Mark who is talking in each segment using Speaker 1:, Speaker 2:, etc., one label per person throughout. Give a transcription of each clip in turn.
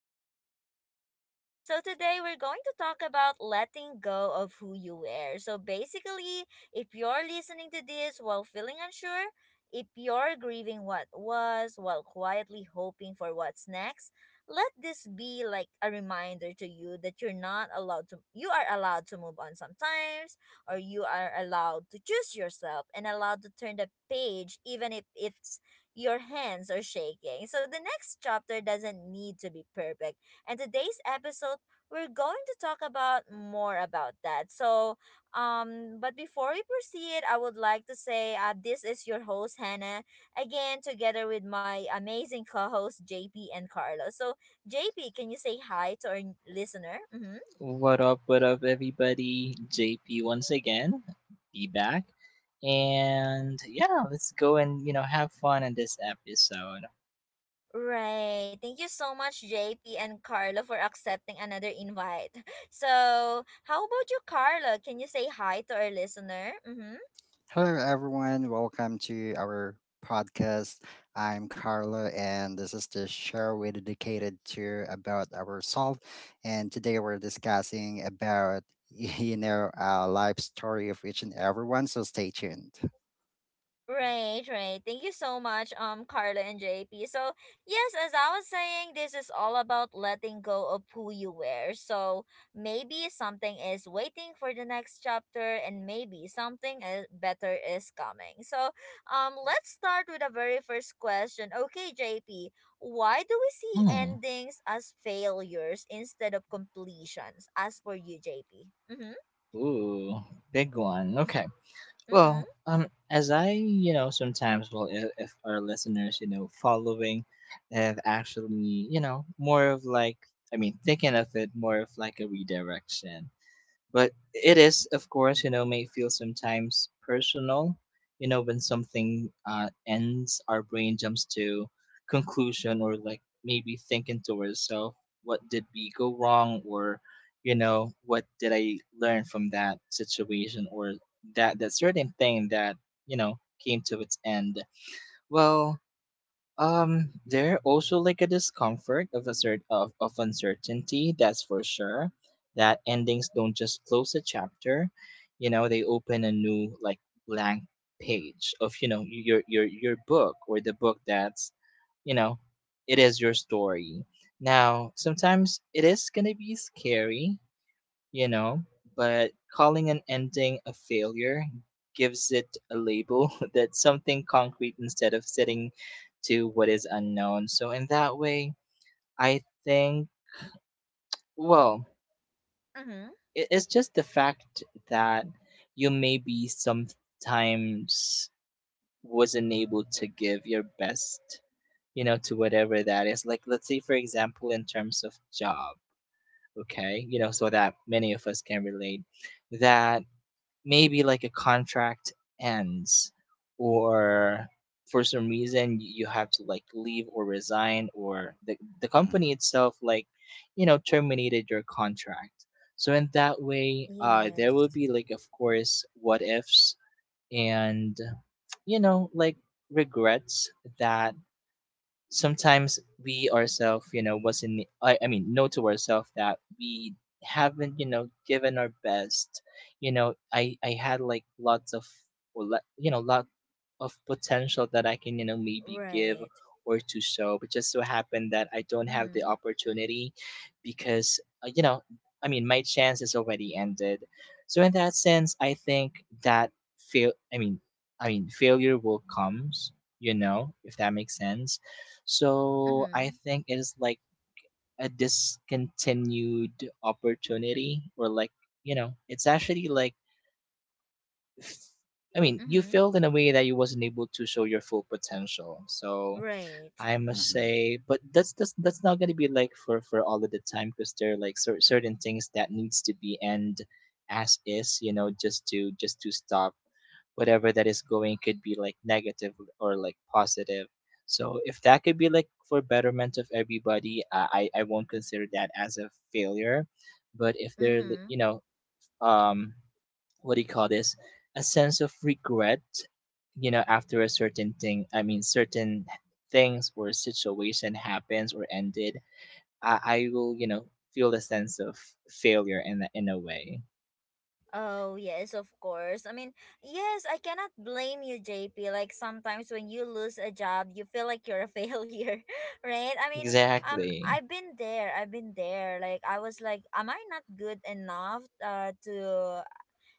Speaker 1: Carlo and JP. So, today we're going to talk about letting go of who you were. So, basically, if you're listening to this while feeling unsure, if you're grieving what was while quietly hoping for what's next, let this be like a reminder to you that you're not allowed to, you are allowed to move on sometimes, or you are allowed to choose yourself and allowed to turn the page, even if it's your hands are shaking. So the next chapter doesn't need to be perfect. And today's episode, we're going to talk about more about that. So, but before we proceed, I would like to say this is your host, Hannah, again, together with my amazing co host, JP and Carlos. So, JP, can you say hi to our listener? Mm-hmm.
Speaker 2: What up, everybody? JP once again, be back. And yeah, let's go and have fun in this episode.
Speaker 1: Right. Thank you so much, JP and Carla, for accepting another invite. So, how about you, Carla? Can you say hi to our listener? Mm-hmm.
Speaker 3: Hello, everyone. Welcome to our podcast. I'm Carlo, and this is the show we dedicated to about ourselves. And today we're discussing about a life story of each and everyone. So stay tuned.
Speaker 1: Right, right. Thank you so much, Carla and JP. So, yes, as I was saying, this is all about letting go of who you were. So, maybe something is waiting for the next chapter, and maybe something is better is coming. So, let's start with the very first question. Okay, JP, why do we see
Speaker 2: Hmm.
Speaker 1: endings as failures instead of completions? As for you, JP. Mm hmm,
Speaker 2: Ooh, big one. Okay.
Speaker 1: mm hmm,
Speaker 2: Well, as I, sometimes, well, if our listeners, following have actually, more of like, I mean, thinking of it more of like a redirection. But it is, of course, may feel sometimes personal. When something ends, our brain jumps to conclusion or like maybe thinking to ourselves, what did we go wrong? Or, what did I learn from that situation or that certain thing that, you know, came to its end? Well, there also like a discomfort of of uncertainty, that's for sure. That endings don't just close a chapter, they open a new like blank page of, your book or the book that's, you know, it is your story. Now, sometimes it is gonna be scary, you know, but calling an ending a failure gives it a label that's something concrete instead of sitting to what is unknown. So, in that way, I think, well,
Speaker 1: mm hmm.
Speaker 2: it's just the fact that you maybe sometimes wasn't able to give your best, to whatever that is. Like, let's say, for example, in terms of job, okay, so that many of us can relate that maybe like a contract ends or for some reason you have to like leave or resign or the
Speaker 3: Mm,
Speaker 2: company itself, like, terminated your contract, so in that way, there will
Speaker 1: Yes,
Speaker 2: be like, of course, what ifs, and, like, regrets that sometimes we ourselves, wasn't, I mean, know to ourselves that we haven't, given our best. I had like lots of, well, lot of potential that I can, maybe give
Speaker 1: right.
Speaker 2: or to show, but just so happened that I don't
Speaker 1: Mm
Speaker 2: have the
Speaker 1: hmm.
Speaker 2: opportunity, because, I mean, my chance is already ended. So in that sense, I think that fail, I mean, I mean, failure will comes, if that makes sense. So I
Speaker 1: Mm-hmm.
Speaker 2: think it is like a discontinued opportunity, or like, it's actually like, f- I mean, you
Speaker 1: Mm-hmm.
Speaker 2: failed in a way that you wasn't able to show your full potential. So
Speaker 1: Right.
Speaker 2: I must
Speaker 3: mhm.
Speaker 2: say, but that's not gonna be like for all of the time, because there are like certain things that needs to be end as is, just to stop whatever that is going. Could be like negative or like positive. So if that could be like for betterment of everybody, I won't consider that as a failure. But if they're,
Speaker 1: Mm-hmm.
Speaker 2: um what do you call this, a sense of regret, after a certain thing, I mean, certain things or situation happens or ended, I will, feel a sense of failure in a way.
Speaker 1: Oh, yes, of course. I mean, yes, I cannot blame you, JP. Like sometimes when you lose a job, you feel like you're a failure, right? I mean,
Speaker 2: Exactly.
Speaker 1: I've been there. I've been there. Like I was like, am I not good enough to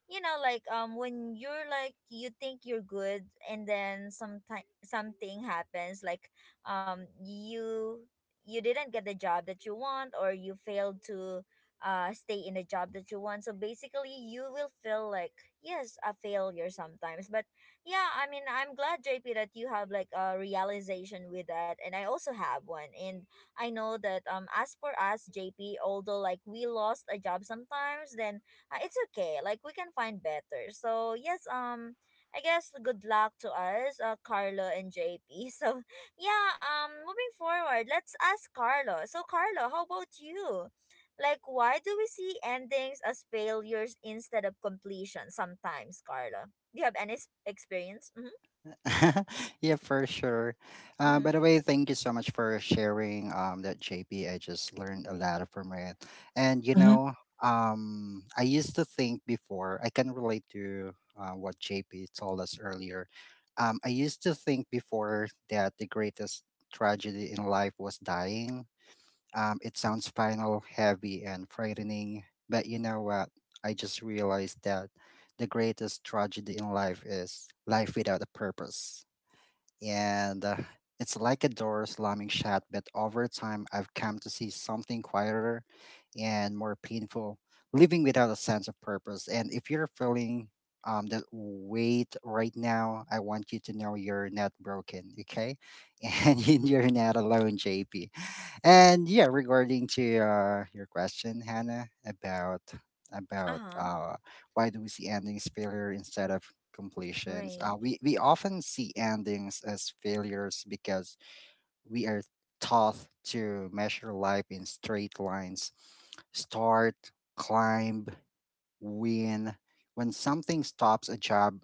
Speaker 1: you know like when you're like you think you're good and then sometime something happens like um you you didn't get the job that you want or you failed to stay in the job that you want, so basically you will feel like yes a failure sometimes. But yeah, I mean, I'm glad, JP, that you have like a realization with that, and I also have one. And I know that, as for us, JP, although like we lost a job sometimes, then it's okay. Like we can find better. So yes, I guess good luck to us, Carlo and JP. So yeah, moving forward, let's ask Carlo. So Carlo, how about you? Like, why do we see endings as failures instead of completion sometimes, Carlo? Do you have any experience? Mm-hmm.
Speaker 3: Yeah, for sure.
Speaker 1: Mm-hmm.
Speaker 3: By the way, thank you so much for sharing that JP. I just learned a lot from it. And, you
Speaker 2: Hmm.
Speaker 3: know, I used to think before, I can relate to what JP told us earlier. I used to think before that the greatest tragedy in life was dying. It sounds final, heavy, and frightening, but you know what? I just realized that the greatest tragedy in life is life without a purpose, and it's like a door slamming shut. But over time, I've come to see something quieter and more painful, living without a sense of purpose. And if you're feeling that weight right now, I want you to know you're not broken, okay? And you're not alone, JP. And yeah, regarding to your question, Hannah, about
Speaker 1: Uh
Speaker 3: about
Speaker 1: huh.
Speaker 3: uh, why do we see endings failure instead of completions.
Speaker 1: Right.
Speaker 3: We often see endings as failures because we are taught to measure life in straight lines: start, climb, win. When something stops, a job,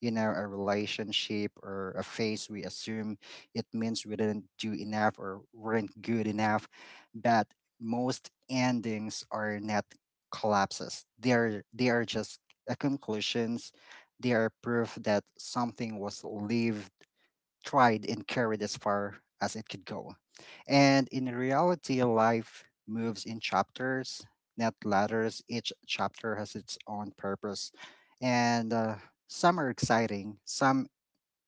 Speaker 3: you know, a relationship or a phase, we assume it means we didn't do enough or weren't good enough, but most endings are not collapses. They are just a conclusions. They are proof that something was lived, tried, and carried as far as it could go. And in reality, life moves in chapters, not ladders. Each chapter has its own purpose. And some are exciting, some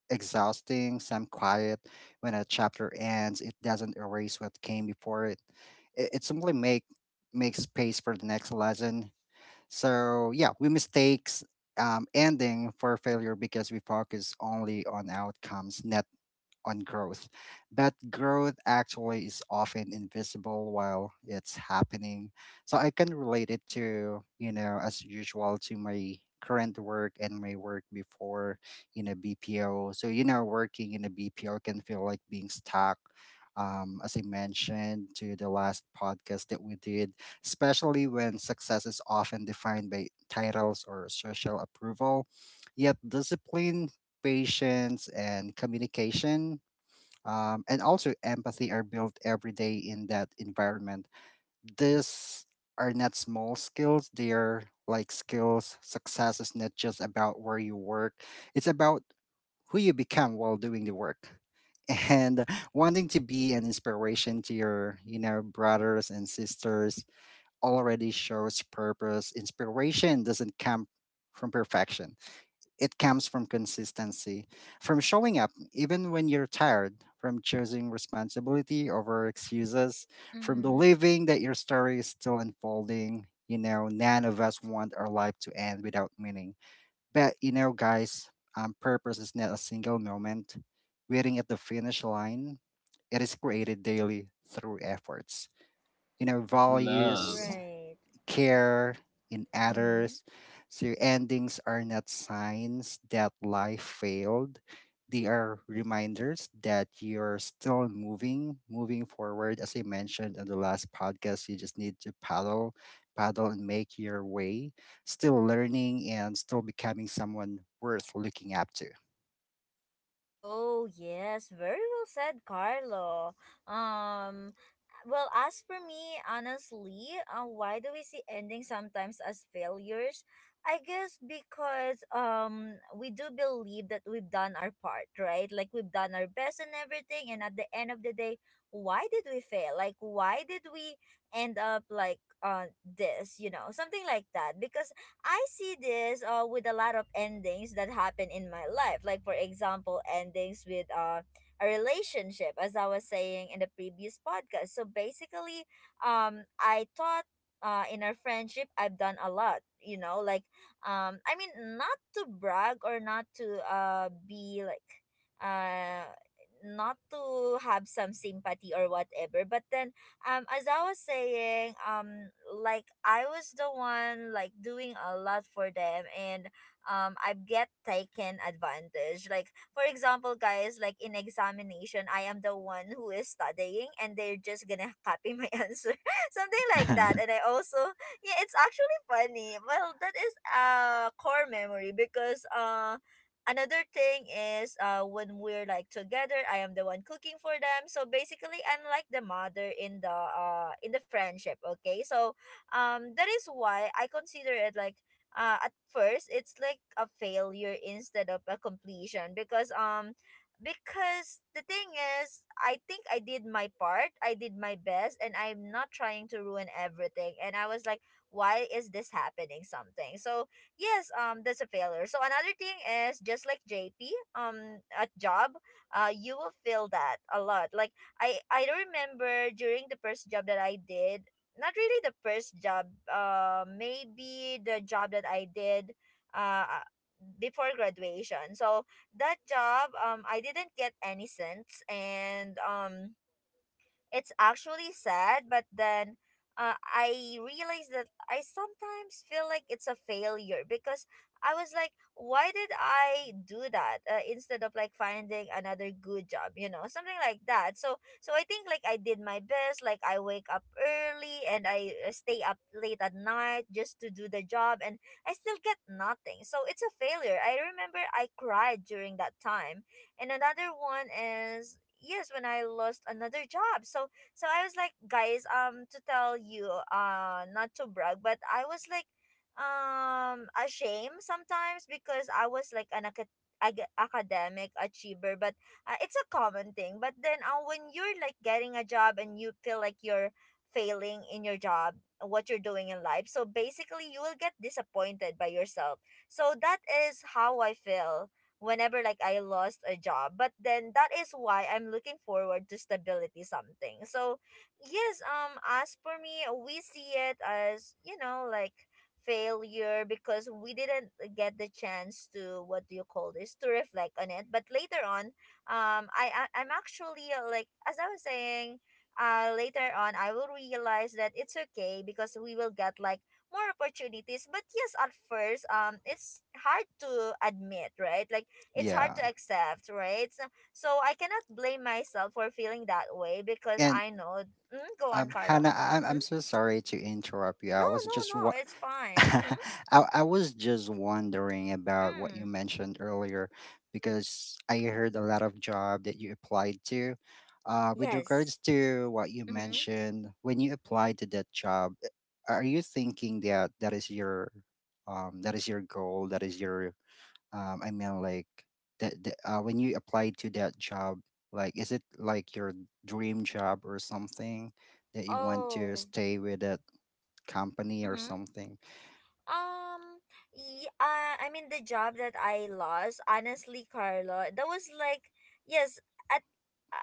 Speaker 3: exhausting, some quiet. When a chapter ends, it doesn't erase what came before it. It simply makes space for the next lesson. So yeah, we mistakes ending for failure because we focus only on outcomes, not on growth. That growth actually is often invisible while it's happening. So I can relate it to, you know, as usual, to my current work and my work before in a BPO. So, you know, working in a BPO can feel like being stuck. As I mentioned to the last podcast that we did, especially when success is often defined by titles or social approval. Yet, discipline, patience, and communication, and also empathy are built every day in that environment. These are not small skills, they are like skills. Success is not just about where you work, it's about who you become while doing the work. And wanting to be an inspiration to your, you know, brothers and sisters already shows purpose. Inspiration doesn't come from perfection, it comes from consistency, from showing up even when you're tired, from choosing responsibility over excuses, from
Speaker 1: Mm-hmm.
Speaker 3: believing that your story is still unfolding. You know, none of us want our life to end without meaning. But, you know, guys, purpose is not a single moment waiting at the finish line. It is created daily through efforts. You know,
Speaker 2: Love.
Speaker 3: values,
Speaker 1: Right.
Speaker 3: care in
Speaker 1: Mm-hmm.
Speaker 3: others. So your endings are not signs that life failed. They are reminders that you're still moving, moving forward. As I mentioned on the last podcast, you just need to paddle, paddle and make your way, still learning and still becoming someone worth looking up
Speaker 1: Oh, yes, very well said, Carlo. Um, well, as for me, honestly, why do we see endings sometimes as failures? I guess because we do believe that we've done our part, right? Like we've done our best and everything, and at the end of the day, why did we fail? Like why did we end up like this, you know, something like that? Because I see this with a lot of endings that happen in my life. Like, for example, endings with a relationship, as I was saying in the previous podcast. So basically, I thought in our friendship, I've done a lot. You know, like, I mean, not to brag or not to be like, uh, not to have some sympathy or whatever. But then as I was saying, like I was the one like doing a lot for them, and I get taken advantage. Like for example, guys, like in examination, I am the one who is studying and they're just gonna copy my answer. Something like
Speaker 3: to.
Speaker 1: that. And I also yeah, it's actually funny. Well, that is a core memory because another thing is when we're like together, I am the one cooking for them, so basically I'm like the mother in the friendship, okay? So that is why I consider it like at first it's like a failure instead of a completion, because the thing is, I think I did my part, I did my best, and I'm not trying to ruin everything, and I was like, why is this happening, something. So yes, that's a failure. So another thing is just like JP, at job, you will feel that a lot. Like I remember during the first job that I did, not really the first job, maybe the job that I did, uh uh, before graduation. So that job, I didn't get any cents, and it's actually sad, but then I realized that I sometimes feel like it's a failure, because I was like, why did I do that instead of like finding another good job, you know, something like that. So I think like I did my best, like I wake up early and I stay up late at night just to do the job, and I still get nothing. So it's a failure. I remember I cried during that time. And another one is yes when I lost another job. So I was like, guys, to tell you, not to brag, but I was like ashamed sometimes, because I was like an academic achiever, but it's a common thing. But then when you're like getting a job and you feel like you're failing in your job, what you're doing in life, so basically you will get disappointed by yourself. So that is how I feel whenever like I lost a job. But then that is why I'm looking forward to stability something. So yes, as for me, we see it as, you know, like failure because we didn't get the chance to what do you call this to reflect on it. But later on, I'm actually like as I was saying, later on I will realize that it's okay because we will get like more opportunities. But yes, at first it's hard to admit, right? Like it's hard
Speaker 3: Yeah.
Speaker 1: to accept, right? So, I cannot blame myself for feeling that way, because
Speaker 3: And
Speaker 1: I know. Mm, go on, Carlo.
Speaker 3: Hannah, I'm
Speaker 1: Mm-hmm.
Speaker 3: so sorry to interrupt you.
Speaker 1: No,
Speaker 3: I was
Speaker 1: no,
Speaker 3: just
Speaker 1: no. It's fine. Mm-hmm.
Speaker 3: I was just wondering about what you
Speaker 1: Mm.
Speaker 3: mentioned earlier because I heard a lot of job that you applied to. With
Speaker 1: Yes.
Speaker 3: regards to what you
Speaker 1: Mm-hmm.
Speaker 3: mentioned, when you applied to that job, are you thinking that that is your goal? That is your I mean, like that when you applied to that job, like is it like your dream job or something that you want to
Speaker 1: Oh.
Speaker 3: stay with that company or
Speaker 1: Mm-hmm.
Speaker 3: something?
Speaker 1: Um, yeah, I mean the job that I lost, honestly, Carlo, that was like, yes, at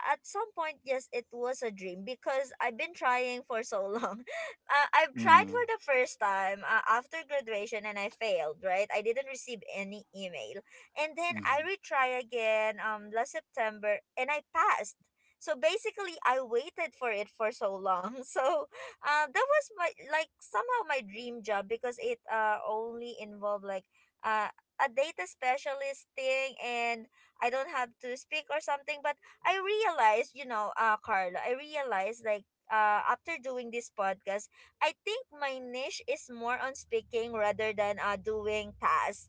Speaker 1: at some point, yes, it was a dream because I've been trying for so long. I've tried
Speaker 3: Mm-hmm.
Speaker 1: for the first time after graduation and I failed, right? I didn't receive any email. And then I
Speaker 3: Mhm.
Speaker 1: retry again last September and I passed. So basically, I waited for it for so long. So that was my like somehow my dream job because it only involved like uh a data specialist thing, and I don't have to speak or something. But I realized, you know, Carla, I realized like after doing this podcast, I think my niche is more on speaking rather than doing tasks,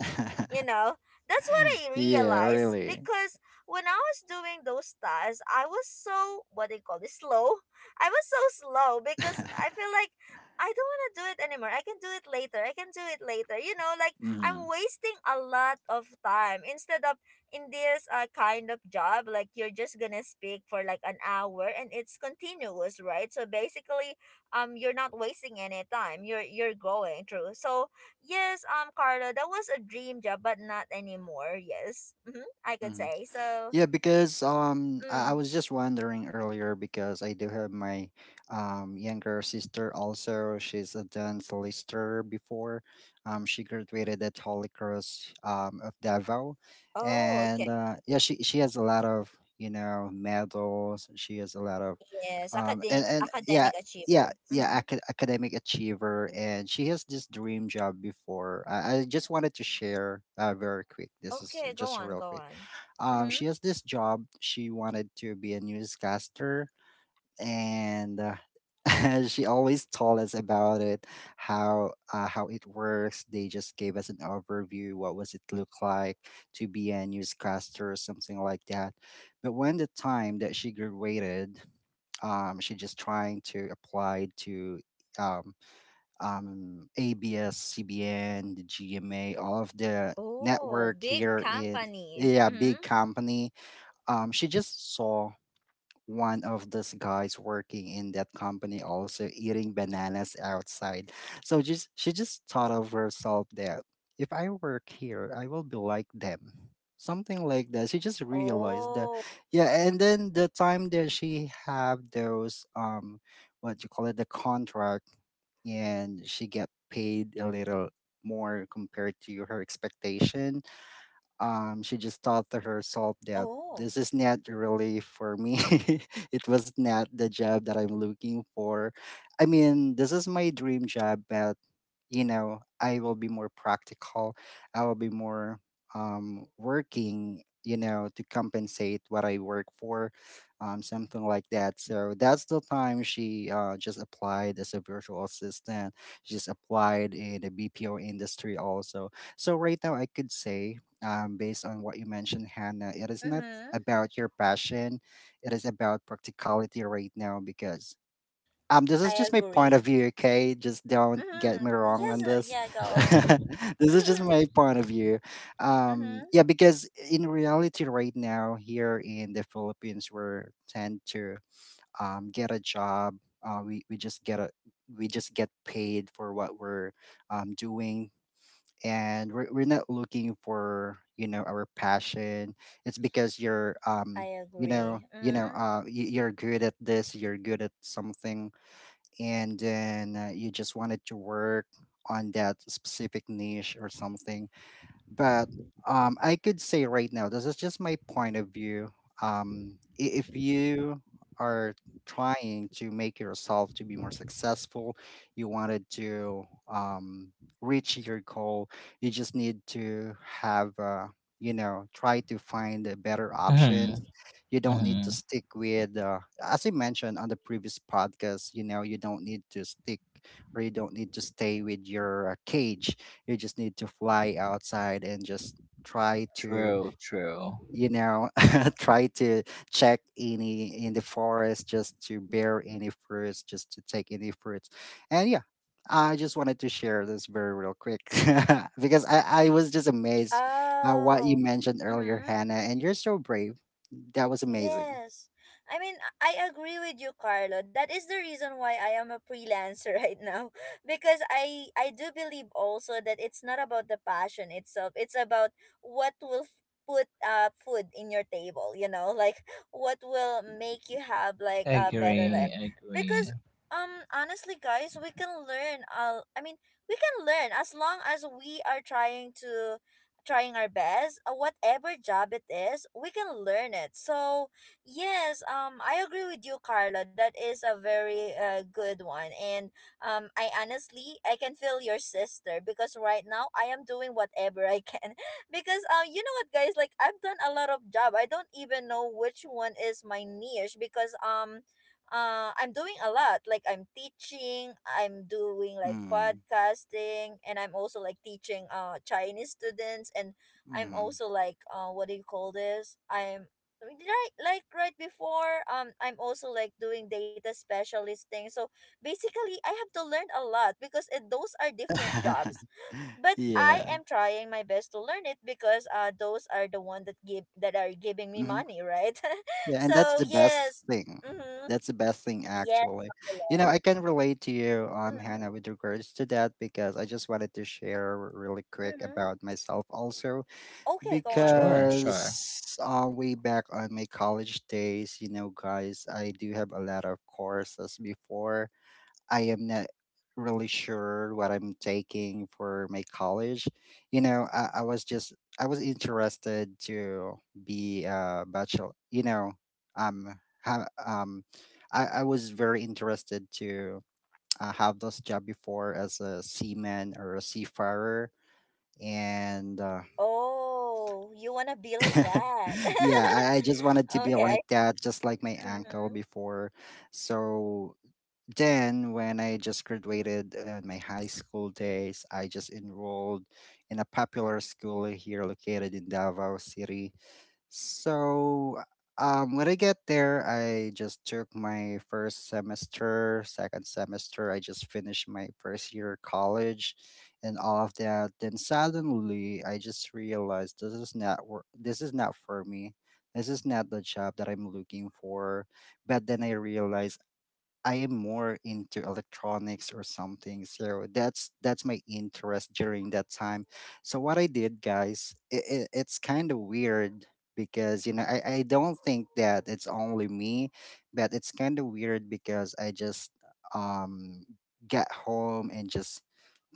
Speaker 1: you know. That's what I
Speaker 3: Yeah,
Speaker 1: realized,
Speaker 3: really.
Speaker 1: because when I was doing those tasks, I was so what they call this slow. I was so slow because I feel like I don't want to do it anymore. I can do it later. I can do it later. You know, like I'm
Speaker 3: Hmm.
Speaker 1: wasting a lot of time, instead of in this kind of job, like you're just gonna speak for like an hour and it's continuous, right? So basically, you're not wasting any time. You're going through. So yes, Carla, that was a dream job, but not anymore. Yes, mm-hmm, I could say so.
Speaker 3: Yeah, because I
Speaker 1: Mm.
Speaker 3: was just wondering earlier because I do have my younger sister also. She's a dance lister before. She graduated at Holy Cross of Davao,
Speaker 1: Oh, okay.
Speaker 3: and yeah, she has a lot of, you know, medals. She has a lot of
Speaker 1: Yes,
Speaker 3: and yeah.
Speaker 1: academic achiever.
Speaker 3: Yeah, yeah,
Speaker 1: Mhm.
Speaker 3: academic achiever, and she has this dream job before. I just wanted to share very quick. This is
Speaker 1: Okay, go
Speaker 3: just
Speaker 1: on,
Speaker 3: real
Speaker 1: go
Speaker 3: quick.
Speaker 1: on. Mhm.
Speaker 3: She has this job. She wanted to be a newscaster, and she always told us about it, how it works. They just gave us an overview. What was it look like to be a newscaster or something like that. But when the time that she graduated, she just trying to apply to. Um, ABS, CBN, the GMA, all of the
Speaker 1: Oh,
Speaker 3: network
Speaker 1: big
Speaker 3: here in,
Speaker 1: company.
Speaker 3: yeah,
Speaker 1: Mhm.
Speaker 3: big company. She just saw one of those guys working in that company also eating bananas outside. So just she just thought of herself that if I work here, I will be like them. Something like that. She just realized that
Speaker 1: Oh.
Speaker 3: yeah, and then the time that she have those what you call it, the contract, and she get paid a little more compared to her expectation, she just thought to herself that
Speaker 1: Oh.
Speaker 3: this is not really for me. It was not the job that I'm looking for. I mean, this is my dream job, but you know, I will be more practical, I will be more working, you know, to compensate what I work for, something like that. So that's the time she just applied as a virtual assistant. She just applied in the BPO industry also. So right now I could say, based on what you mentioned, Hannah, it is not
Speaker 1: Mhm.
Speaker 3: about your passion, it is about practicality right now because this
Speaker 1: I
Speaker 3: is just my point of
Speaker 1: agree.
Speaker 3: view, okay? Just don't get me
Speaker 1: Mhm.
Speaker 3: wrong
Speaker 1: Yes,
Speaker 3: on this.
Speaker 1: yeah, go on.
Speaker 3: This is just my point of view.
Speaker 1: Mhm.
Speaker 3: Yeah, because in reality right now here in the Philippines, we're tend to get a job. We just get a we just get paid for what we're doing, and we're not looking for, you know, our passion. It's because you're
Speaker 1: I
Speaker 3: you know,
Speaker 1: agree.
Speaker 3: you know,
Speaker 1: Mhm.
Speaker 3: you're good at this, you're good at something, and then you just wanted to work on that specific niche or something. But I could say right now, this is just my point of view. If you are trying to make yourself to be more successful, you wanted to reach your goal, you just need to have, you know, try to find better options.
Speaker 2: Hmm.
Speaker 3: You don't need to
Speaker 2: Hmm.
Speaker 3: stick with, as I mentioned on the previous podcast, you know, you don't need to stick or you don't need to stay with your cage. You just need to fly outside and just try to,
Speaker 2: True, true.
Speaker 3: you know, try to check any in the forest just to bear any fruits, just to take any fruits. And yeah, I just wanted to share this very real quick because I was just amazed at what you
Speaker 1: Oh.
Speaker 3: mentioned earlier,
Speaker 1: Mhm.
Speaker 3: Hannah, and you're so brave. That was amazing.
Speaker 1: Yes. I mean, I agree with you, Carlo. That is the reason why I am a freelancer right now, because I do believe also that it's not about the passion itself. It's about what will put food in your table, you know? Like what will make you have like a better
Speaker 2: Agree,
Speaker 1: life. Because
Speaker 2: agree.
Speaker 1: honestly, guys, we can learn I mean, we can learn as long as we are trying our best, whatever job it is, we can learn it. So, yes, I agree with you, Carla. That is a very good one. And I honestly, I can feel your sister because right now I am doing whatever I can. Because you know what, guys, like I've done a lot of job. I don't even know which one is my niche, because I'm doing a lot. Like I'm teaching, I'm doing like
Speaker 3: Mm,
Speaker 1: podcasting, and I'm also like teaching Chinese students, and I'm
Speaker 3: mm.
Speaker 1: also like what do you call this? I'm right. Like, right before, I'm also like doing data specialist thing. So basically, I have to learn a lot because those are different jobs, but I
Speaker 3: Yeah.
Speaker 1: am trying my best to learn it because those are the one that are giving me
Speaker 3: Mm-hmm.
Speaker 1: money, right?
Speaker 3: Yeah, and that's
Speaker 1: So
Speaker 3: the best
Speaker 1: yes.
Speaker 3: thing.
Speaker 1: Mm-hmm.
Speaker 3: That's the best thing
Speaker 1: Yes.
Speaker 3: actually. You know, I can relate to you, Hannah,
Speaker 1: Mm-hmm.
Speaker 3: with regards to that because I just wanted to share really quick
Speaker 1: Mm-hmm.
Speaker 3: about myself also,
Speaker 1: Okay, go on, go
Speaker 2: Sure,
Speaker 1: on.
Speaker 2: sure.
Speaker 3: because way back on my college days, you know, guys, I do have a lot of courses before. I am not really sure what I'm taking for my college. You know, I was just I was interested to be a bachelor. You know, um, ha, I was very interested to have this job before as a seaman or a seafarer, and
Speaker 1: Oh, you wanna be like that.
Speaker 3: yeah, I just wanted to be
Speaker 1: Okay.
Speaker 3: like that, just like my uncle
Speaker 1: Mm-hmm.
Speaker 3: before. So then when I just graduated my high school days, I just enrolled in a popular school here located in Davao City. So when I get there, I just took my first semester, second semester. I just finished my first year college, and all of that. Then suddenly, I just realized this is not this is not for me. This is not the job that I'm looking for, but then I realized I am more into electronics or something. So that's my interest during that time. So what I did, guys, it's kind of weird because I don't think that it's only me, but it's kind of weird because I just um got home and just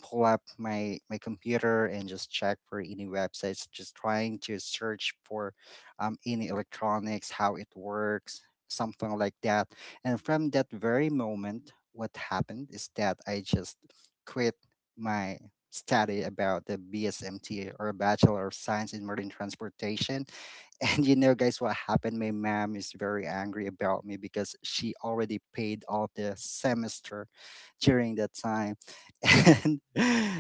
Speaker 3: pull up my computer and just check for any websites just trying to search for any electronics how it works, something like that. And from that very moment, what happened is that I just quit my study about the bsmt or bachelor of science in marine transportation. And you know, guys, what happened? My mom is very angry about me because she already paid all the semester during that time. And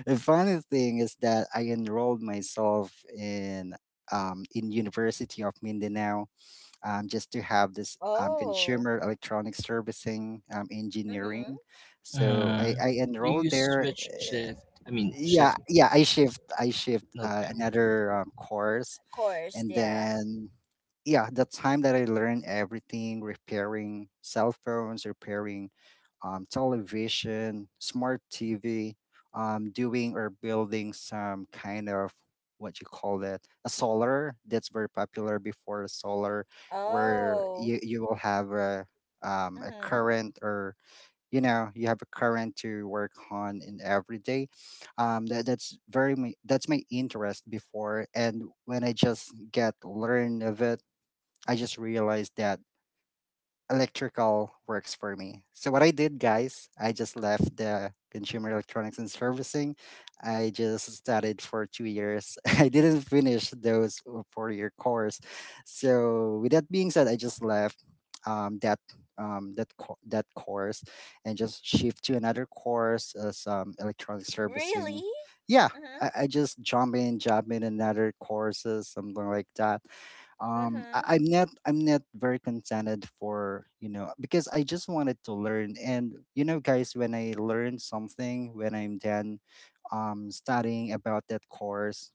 Speaker 3: the funny thing is that I enrolled myself in University of Mindanao, just to have this
Speaker 1: Oh.
Speaker 3: consumer electronic servicing
Speaker 1: Mm-hmm.
Speaker 3: engineering. So
Speaker 2: Hmm.
Speaker 3: I,
Speaker 2: So
Speaker 3: I enrolled
Speaker 2: you
Speaker 3: there.
Speaker 2: switch shift, I mean,
Speaker 3: Yeah,
Speaker 2: shift.
Speaker 3: yeah, I shift
Speaker 2: Okay.
Speaker 3: another course.
Speaker 1: Course,
Speaker 3: And
Speaker 1: yeah.
Speaker 3: then, yeah, the time that I learned everything, repairing cell phones, repairing, television, smart TV, doing or building some kind of, what you call that, a solar, that's very popular before, a solar where
Speaker 1: Oh.
Speaker 3: you will have a
Speaker 1: Mm-hmm.
Speaker 3: current, or you know you have a current to work on in every day. That, that's my interest before, and when I just get learn of it, I just realized that electrical works for me. So what I did, guys, I just left the consumer electronics and servicing. I just studied for 2 years. I didn't finish those four-year course. So with that being said, I just left that, that course, and just shift to another course as electronic servicing.
Speaker 1: Really?
Speaker 3: Yeah,
Speaker 1: Mm-hmm.
Speaker 3: I just jump in another courses, something like that.
Speaker 1: Mm-hmm.
Speaker 3: I, I'm not, I'm not very contented for you know, because I just wanted to learn. And you know, guys, when I learn something, when I'm done studying about that course,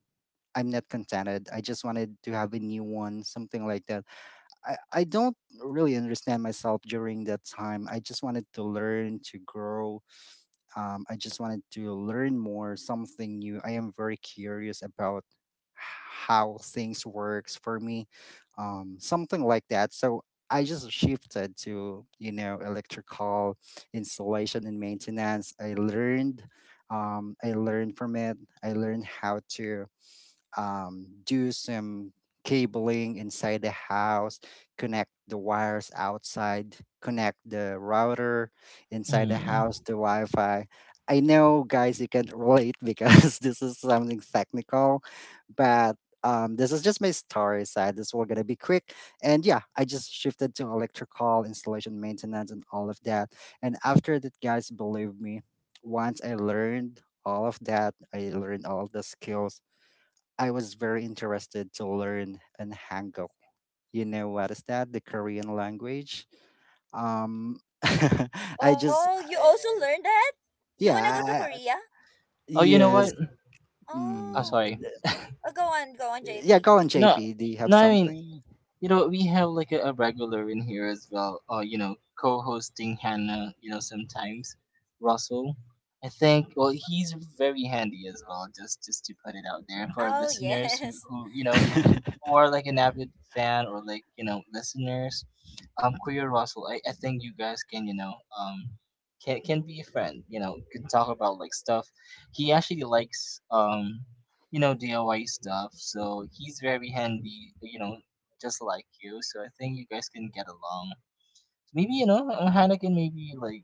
Speaker 3: I'm not contented. I just wanted to have a new one, something like that. I don't really understand myself during that time. I just wanted to learn, to grow, I just wanted to learn more, something new. I am very curious about how things works for me, something like that. So I just shifted to, you know, electrical installation and maintenance. I learned from it. I learned how to do some cabling inside the house, connect the wires outside, connect the router inside the
Speaker 2: Mm.
Speaker 3: house to Wi Fi. I know, guys, you can relate because this is something technical, but this is just my story side. This will gonna be quick, and yeah, I just shifted to electrical installation maintenance and all of that. And after that, guys, believe me, once I learned all of that, I learned all the skills. I was very interested to learn an Hangul. You know what is that? The Korean language. Um, I just,
Speaker 1: Oh, you also
Speaker 3: I-
Speaker 1: learned that? You
Speaker 3: yeah,
Speaker 1: wanna go to
Speaker 3: I-
Speaker 1: Korea?
Speaker 2: Oh, you know
Speaker 3: yes.
Speaker 2: what? Oh,
Speaker 3: Mm,
Speaker 1: Oh.
Speaker 2: sorry.
Speaker 3: th-
Speaker 1: Oh, go on, go on,
Speaker 3: yeah,
Speaker 1: JP.
Speaker 3: go on,
Speaker 2: No,
Speaker 3: JP. Do you have
Speaker 2: no. I mean,
Speaker 3: something?
Speaker 2: we have like a regular in here as well, co-hosting Hannah. Sometimes Russell. I think. Well, he's very handy as well. Just to put it out there for our
Speaker 1: Oh,
Speaker 2: listeners
Speaker 1: yes.
Speaker 2: or like an avid fan or like, listeners. Kuya Russell, I think you guys can, can be a friend. Can talk about like stuff. He actually likes, DIY stuff, so he's very handy, just like you. So I think you guys can get along. Maybe, Hannah can maybe like,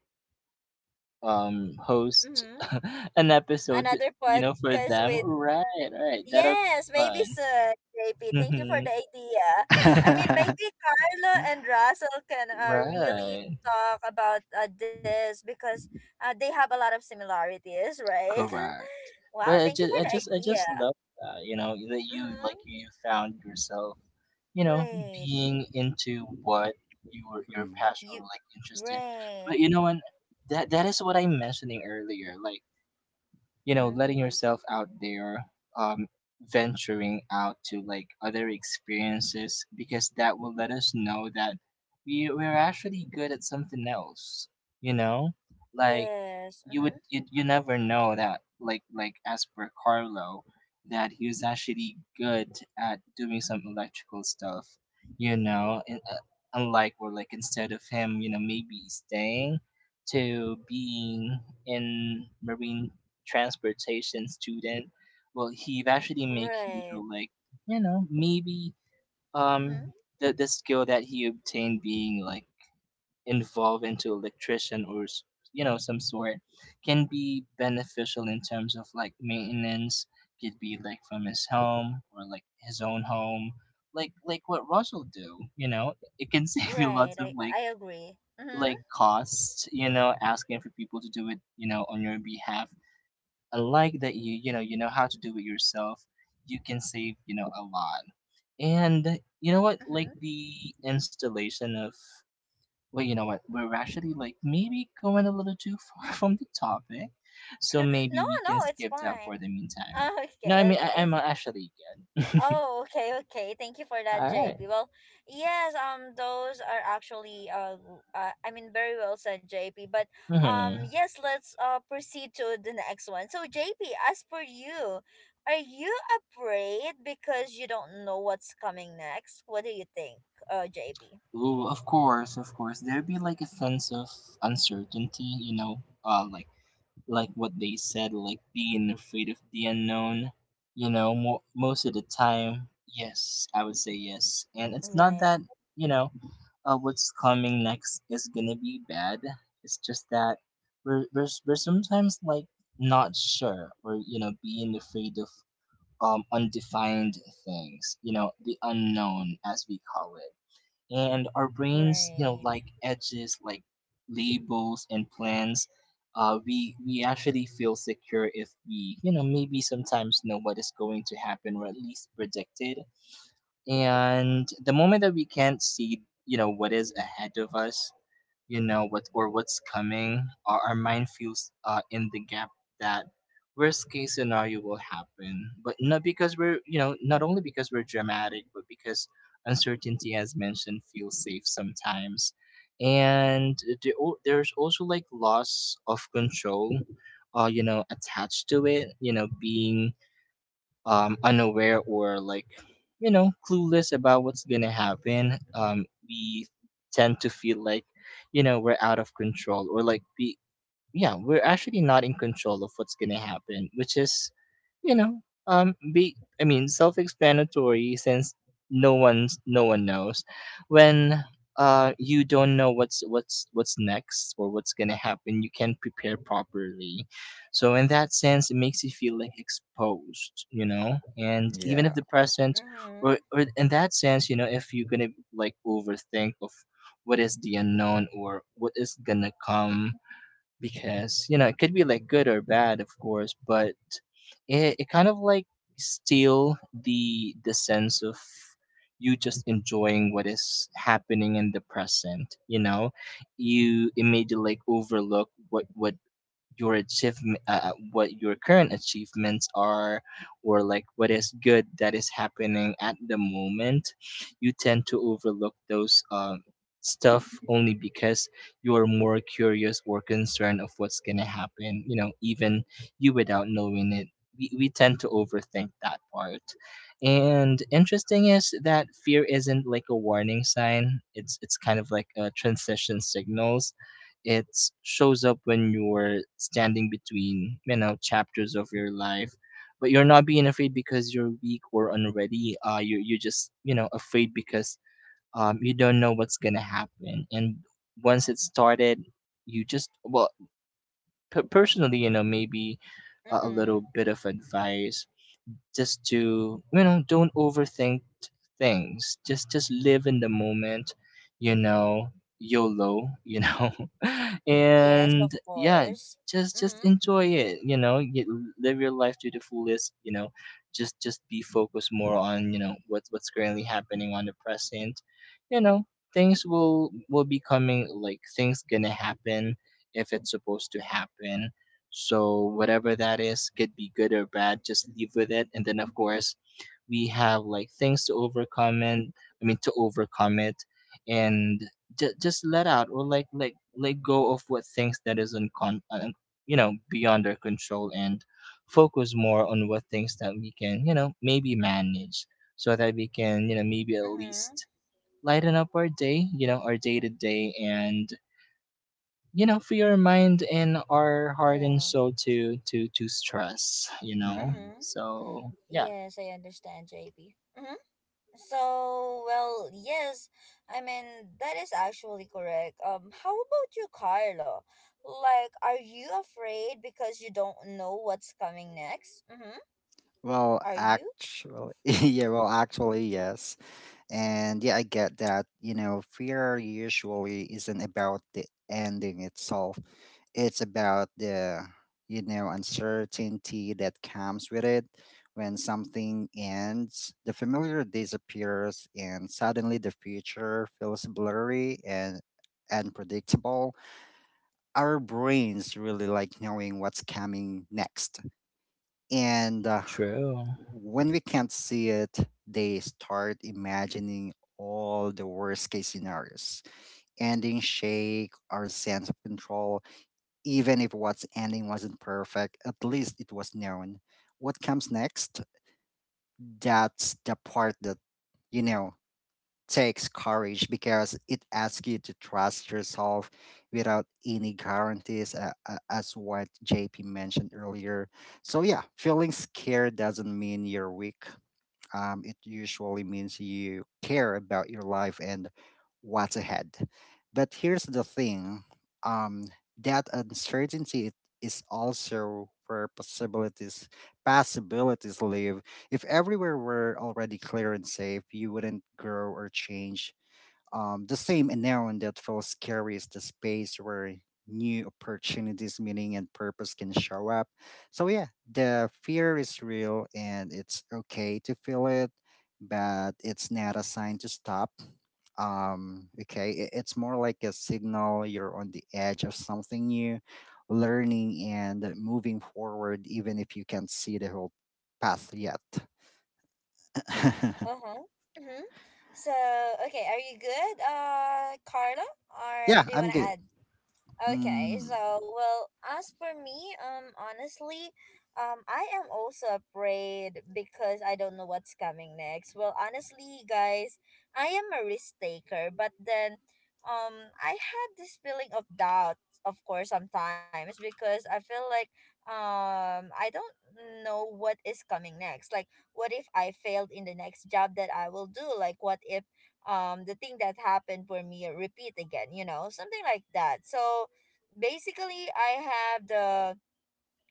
Speaker 2: host
Speaker 1: Mm-hmm.
Speaker 2: an episode,
Speaker 1: Another
Speaker 2: for
Speaker 1: podcast
Speaker 2: them.
Speaker 1: with.
Speaker 2: Right, right. That'll be
Speaker 1: Yes, maybe
Speaker 2: fun.
Speaker 1: soon, JP. Thank you for the
Speaker 2: Hmm.
Speaker 1: idea. I mean, maybe Carlo and Russell can really
Speaker 2: Right.
Speaker 1: talk about this because they have a lot of similarities, right?
Speaker 2: Correct.
Speaker 1: Wow,
Speaker 2: But I
Speaker 1: thank you
Speaker 2: just,
Speaker 1: for
Speaker 2: I
Speaker 1: the
Speaker 2: just, I
Speaker 1: idea.
Speaker 2: just love that. You know that
Speaker 1: Mm-hmm.
Speaker 2: you found yourself, you know,
Speaker 1: Great.
Speaker 2: being into what you were your
Speaker 3: Mm,
Speaker 2: passion or
Speaker 1: You,
Speaker 2: like interest in.
Speaker 1: right.
Speaker 2: But, you know, and that is what I'm mentioning earlier. Like,
Speaker 1: Mm-hmm.
Speaker 2: letting yourself out there, um venturing out to like other experiences because that will let us know that we're actually good at something else, you know like
Speaker 1: Yes. Mm-hmm.
Speaker 2: you never know that, like as per Carlo, that he was actually good at doing some electrical stuff, you know and, uh, unlike, or like, instead of him, maybe staying to being in marine transportation student, well, he eventually make use
Speaker 1: Right.
Speaker 2: of, like, maybe,
Speaker 1: Mm-hmm.
Speaker 2: um the skill that he obtained, being like involved into electrician some sort, can be beneficial in terms of like maintenance, could be like from his home or like his own home, like what Russell do, you know. It can save you
Speaker 1: Right.
Speaker 2: lots of,
Speaker 1: I,
Speaker 2: like
Speaker 1: I I agree. Mm-hmm.
Speaker 2: like costs, asking for people to do it, on your behalf. I like that you, you know how to do it yourself. You can save, a lot. And you know what?
Speaker 1: Mm-hmm.
Speaker 2: Like, the installation of, well, you know what? We're actually like maybe going a little too far from the topic, so
Speaker 1: No,
Speaker 2: maybe we
Speaker 1: no,
Speaker 2: can
Speaker 1: it's
Speaker 2: skip that for
Speaker 1: fine.
Speaker 2: the meantime.
Speaker 1: Oh,
Speaker 2: No, I
Speaker 1: okay,
Speaker 2: mean,
Speaker 1: okay.
Speaker 2: I'm actually good.
Speaker 1: Oh, okay, okay. Thank you for that,
Speaker 2: All right.
Speaker 1: JP. Well, yes, those are actually I mean, very well said, JP. But
Speaker 2: Mm-hmm.
Speaker 1: yes, let's proceed to the next one. So, JP, as per you, are you afraid because you don't know what's coming next? What do you think, JP?
Speaker 2: Ooh, of course, of course. There'd be like a sense of uncertainty, like what they said, like being afraid of the unknown. Most of the time, yes, I would say yes. And it's not
Speaker 1: Right,
Speaker 2: that, you know, what's coming next is gonna be bad. It's just that we're sometimes like not sure, or, being afraid of, undefined things, the unknown as we call it, and our brains, like,
Speaker 1: right.
Speaker 2: edges like labels and plans. We actually feel secure if we, maybe sometimes know what is going to happen, or at least predict it. And the moment that we can't see, what is ahead of us, what's coming, our mind feels, in the gap that worst case scenario will happen, but not because we're, not only because we're dramatic, but because uncertainty, as mentioned, feels safe sometimes. And there's also like loss of control, attached to it, being, unaware, or like, clueless about what's gonna happen. We tend to feel like, we're out of control, or like be yeah, we're actually not in control of what's gonna happen, which is, you know, be I mean, self-explanatory, since no one knows when, you don't know what's what's next or what's gonna happen. You can't prepare properly, so in that sense, it makes you feel like exposed, you know. And even if
Speaker 3: yeah.
Speaker 2: the present, or,
Speaker 1: Mhm,
Speaker 2: in that sense, if you're gonna like overthink of what is the unknown or what is gonna come, because, it could be like good or bad, of course, but it kind of like steal the sense of you just enjoying what is happening in the present. You immediately like overlook what your achievement, what your current achievements are, or like what is good that is happening at the moment. You tend to overlook those, stuff only because you're more curious or concerned of what's going to happen, even you without knowing it. We tend to overthink that part. And interesting is that fear isn't like a warning sign, it's kind of like a transition signals. It shows up when you're standing between, chapters of your life. But you're not being afraid because you're weak or unready. You're just, afraid because, you don't know what's gonna happen. And once it started, you just, well, personally, maybe a
Speaker 1: mhm.
Speaker 2: little bit of advice, just to, don't overthink things. Just live in the moment, you know YOLO,
Speaker 1: Yes,
Speaker 2: and
Speaker 1: of
Speaker 2: yeah,
Speaker 1: course.
Speaker 2: just
Speaker 1: Mhm,
Speaker 2: enjoy it, you live your life to the fullest, just be focused more on, what's currently happening on the present, you know things will be coming, like things gonna happen if it's supposed to happen. So whatever that is, could be good or bad, just live with it. And then, of course, we have like things to overcome and I mean to overcome it and just let out, or like let go of what things that is you know beyond our control, and focus more on what things that we can, you know, maybe manage, so that we can, you know, maybe at
Speaker 1: mhm.
Speaker 2: least lighten up our day, you know, our day to day, and you know free our mind and our heart and
Speaker 1: Yeah.
Speaker 2: soul to to stress, you know.
Speaker 3: Mhm.
Speaker 1: Mhm.
Speaker 2: So yeah.
Speaker 1: Yes, I understand, JP. Mhm. So, well, yes. I mean, that is actually correct. How about you, Carlo? Like, are you afraid because you don't know what's coming next? Mm-hmm.
Speaker 3: Well,
Speaker 1: Are you?
Speaker 3: actually, yeah, well, actually, yes. And yeah, I get that. You know, fear usually isn't about the ending itself, it's about the, you know, uncertainty that comes with it. When something ends, the familiar disappears, and suddenly the future feels blurry and unpredictable. Our brains really like knowing what's coming next, and
Speaker 2: True.
Speaker 3: when we can't see it, they start imagining all the worst case scenarios. Ending shake our sense of control. Even if what's ending wasn't perfect, at least it was known. What comes next, that's the part that, you know, takes courage, because it asks you to trust yourself without any guarantees, as what JP mentioned earlier. So, yeah, feeling scared doesn't mean you're weak. It usually means you care about your life and what's ahead. But here's the thing, um, that uncertainty, it is also where possibilities, possibilities live. If everywhere were already clear and safe, you wouldn't grow or change. The same unknown that feels scary is the space where new opportunities, meaning, and purpose can show up. So, yeah, the fear is real and it's okay to feel it, but it's not a sign to stop. Okay, it's more like a signal you're on the edge of something new, learning and moving forward, even if you can't see the whole path yet.
Speaker 1: Uh-huh. Mm-hmm. So, okay, are you good, Carlo? Or
Speaker 3: Yeah,
Speaker 1: do you
Speaker 3: I'm
Speaker 1: want to
Speaker 3: good.
Speaker 1: add? Okay,
Speaker 3: Mm,
Speaker 1: so well, as for me, honestly, I am also afraid because I don't know what's coming next. Well, honestly, guys, I am a risk taker, but then, I had this feeling of doubt, of course, sometimes because I feel like, I don't know what is coming next. Like, what if I failed in the next job that I will do? Like, what if, the thing that happened for me repeat again? You know, something like that. So, basically I have the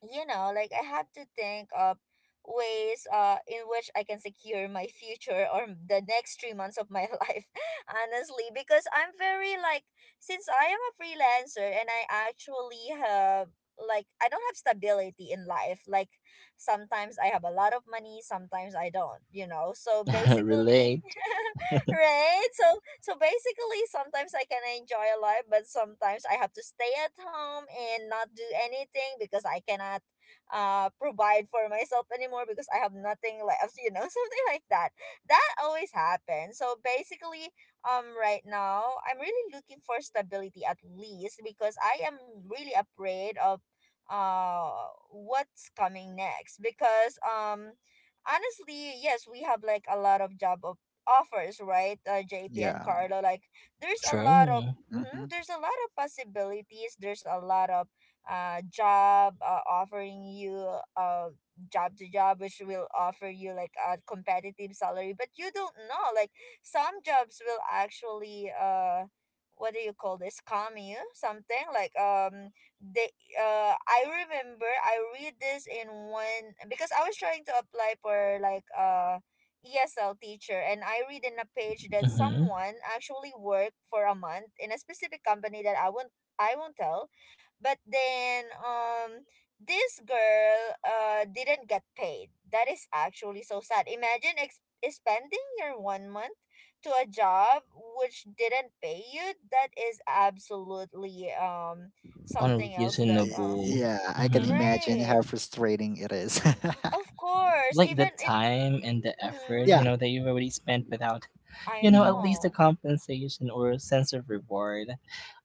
Speaker 1: like I have to think of ways in which I can secure my future or the next 3 months of my life, honestly, because I'm very, like, since I am a freelancer and I actually have, like, I don't have stability in life. Like, sometimes I have a lot of money, sometimes I don't, you know. So basically,
Speaker 2: Relate.
Speaker 1: right? So so basically, sometimes I can enjoy life, but sometimes I have to stay at home and not do anything because I cannot provide for myself anymore because I have nothing left, you know, something like that. That always happens. So basically, right now I'm really looking for stability, at least, because I am really afraid of what's coming next because honestly, yes, we have like a lot of job offers, right, JP and
Speaker 3: yeah.
Speaker 1: Carlo. Like, there's a lot of
Speaker 2: True.
Speaker 3: Mm-hmm.
Speaker 1: mhm, there's a lot of possibilities. There's a lot of job offering you job to job, which will offer you like a competitive salary, but you don't know. Like, some jobs will actually, what do you call this, scam you, something like, they I remember I read this in one, because I was trying to apply for like ESL teacher, and I read in a page that
Speaker 2: Mm-hmm.
Speaker 1: someone actually worked for a month in a specific company that I won't tell. But then, this girl didn't get paid. That is actually so sad. Imagine spending your one month to a job which didn't pay you. That is absolutely something else that.
Speaker 2: Unreasonable.
Speaker 3: Yeah, I can
Speaker 2: Mm-hmm.
Speaker 3: imagine
Speaker 1: Right.
Speaker 3: how frustrating it is.
Speaker 1: Of course,
Speaker 2: Like the
Speaker 1: even if.
Speaker 2: time and the
Speaker 1: Mm-hmm.
Speaker 2: effort, you
Speaker 3: Yeah.
Speaker 2: know, that you've already spent without,
Speaker 1: I
Speaker 2: you know, at
Speaker 3: Hmm.
Speaker 2: least a
Speaker 1: know.
Speaker 2: compensation or a sense of reward.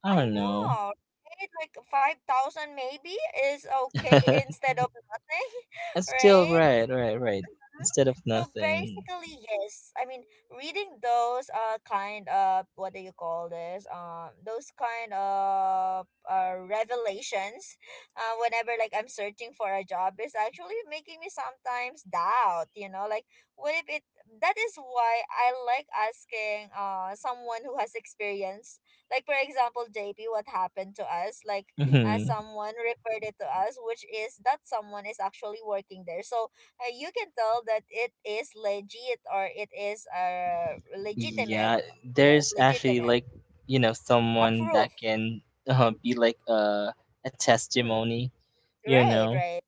Speaker 2: I
Speaker 1: I
Speaker 2: don't know.
Speaker 1: know, right? Like, 5,000 maybe is okay instead of nothing,
Speaker 2: It's still
Speaker 1: right?
Speaker 2: right, right, right.
Speaker 1: Mhm.
Speaker 2: Instead of
Speaker 1: So
Speaker 2: nothing.
Speaker 1: basically, yes. I mean, reading those kind of, what do you call this? Those kind of revelations, whenever like I'm searching for a job, is actually making me sometimes doubt. You know, like, what if it? That is why I like asking someone who has experience. Like, for example, JP, what happened to us? Like,
Speaker 2: Hmm.
Speaker 1: someone referred it to us, which is that someone is actually working there. So, you can tell that it is legit or it is legitimate.
Speaker 2: Yeah,
Speaker 1: Yes,
Speaker 2: there's actually
Speaker 1: legitimate.
Speaker 2: like, you know, someone
Speaker 1: Approved.
Speaker 2: that can, be like a
Speaker 1: Mm-hmm.
Speaker 2: testimony, you
Speaker 1: Right,
Speaker 2: know.
Speaker 1: right.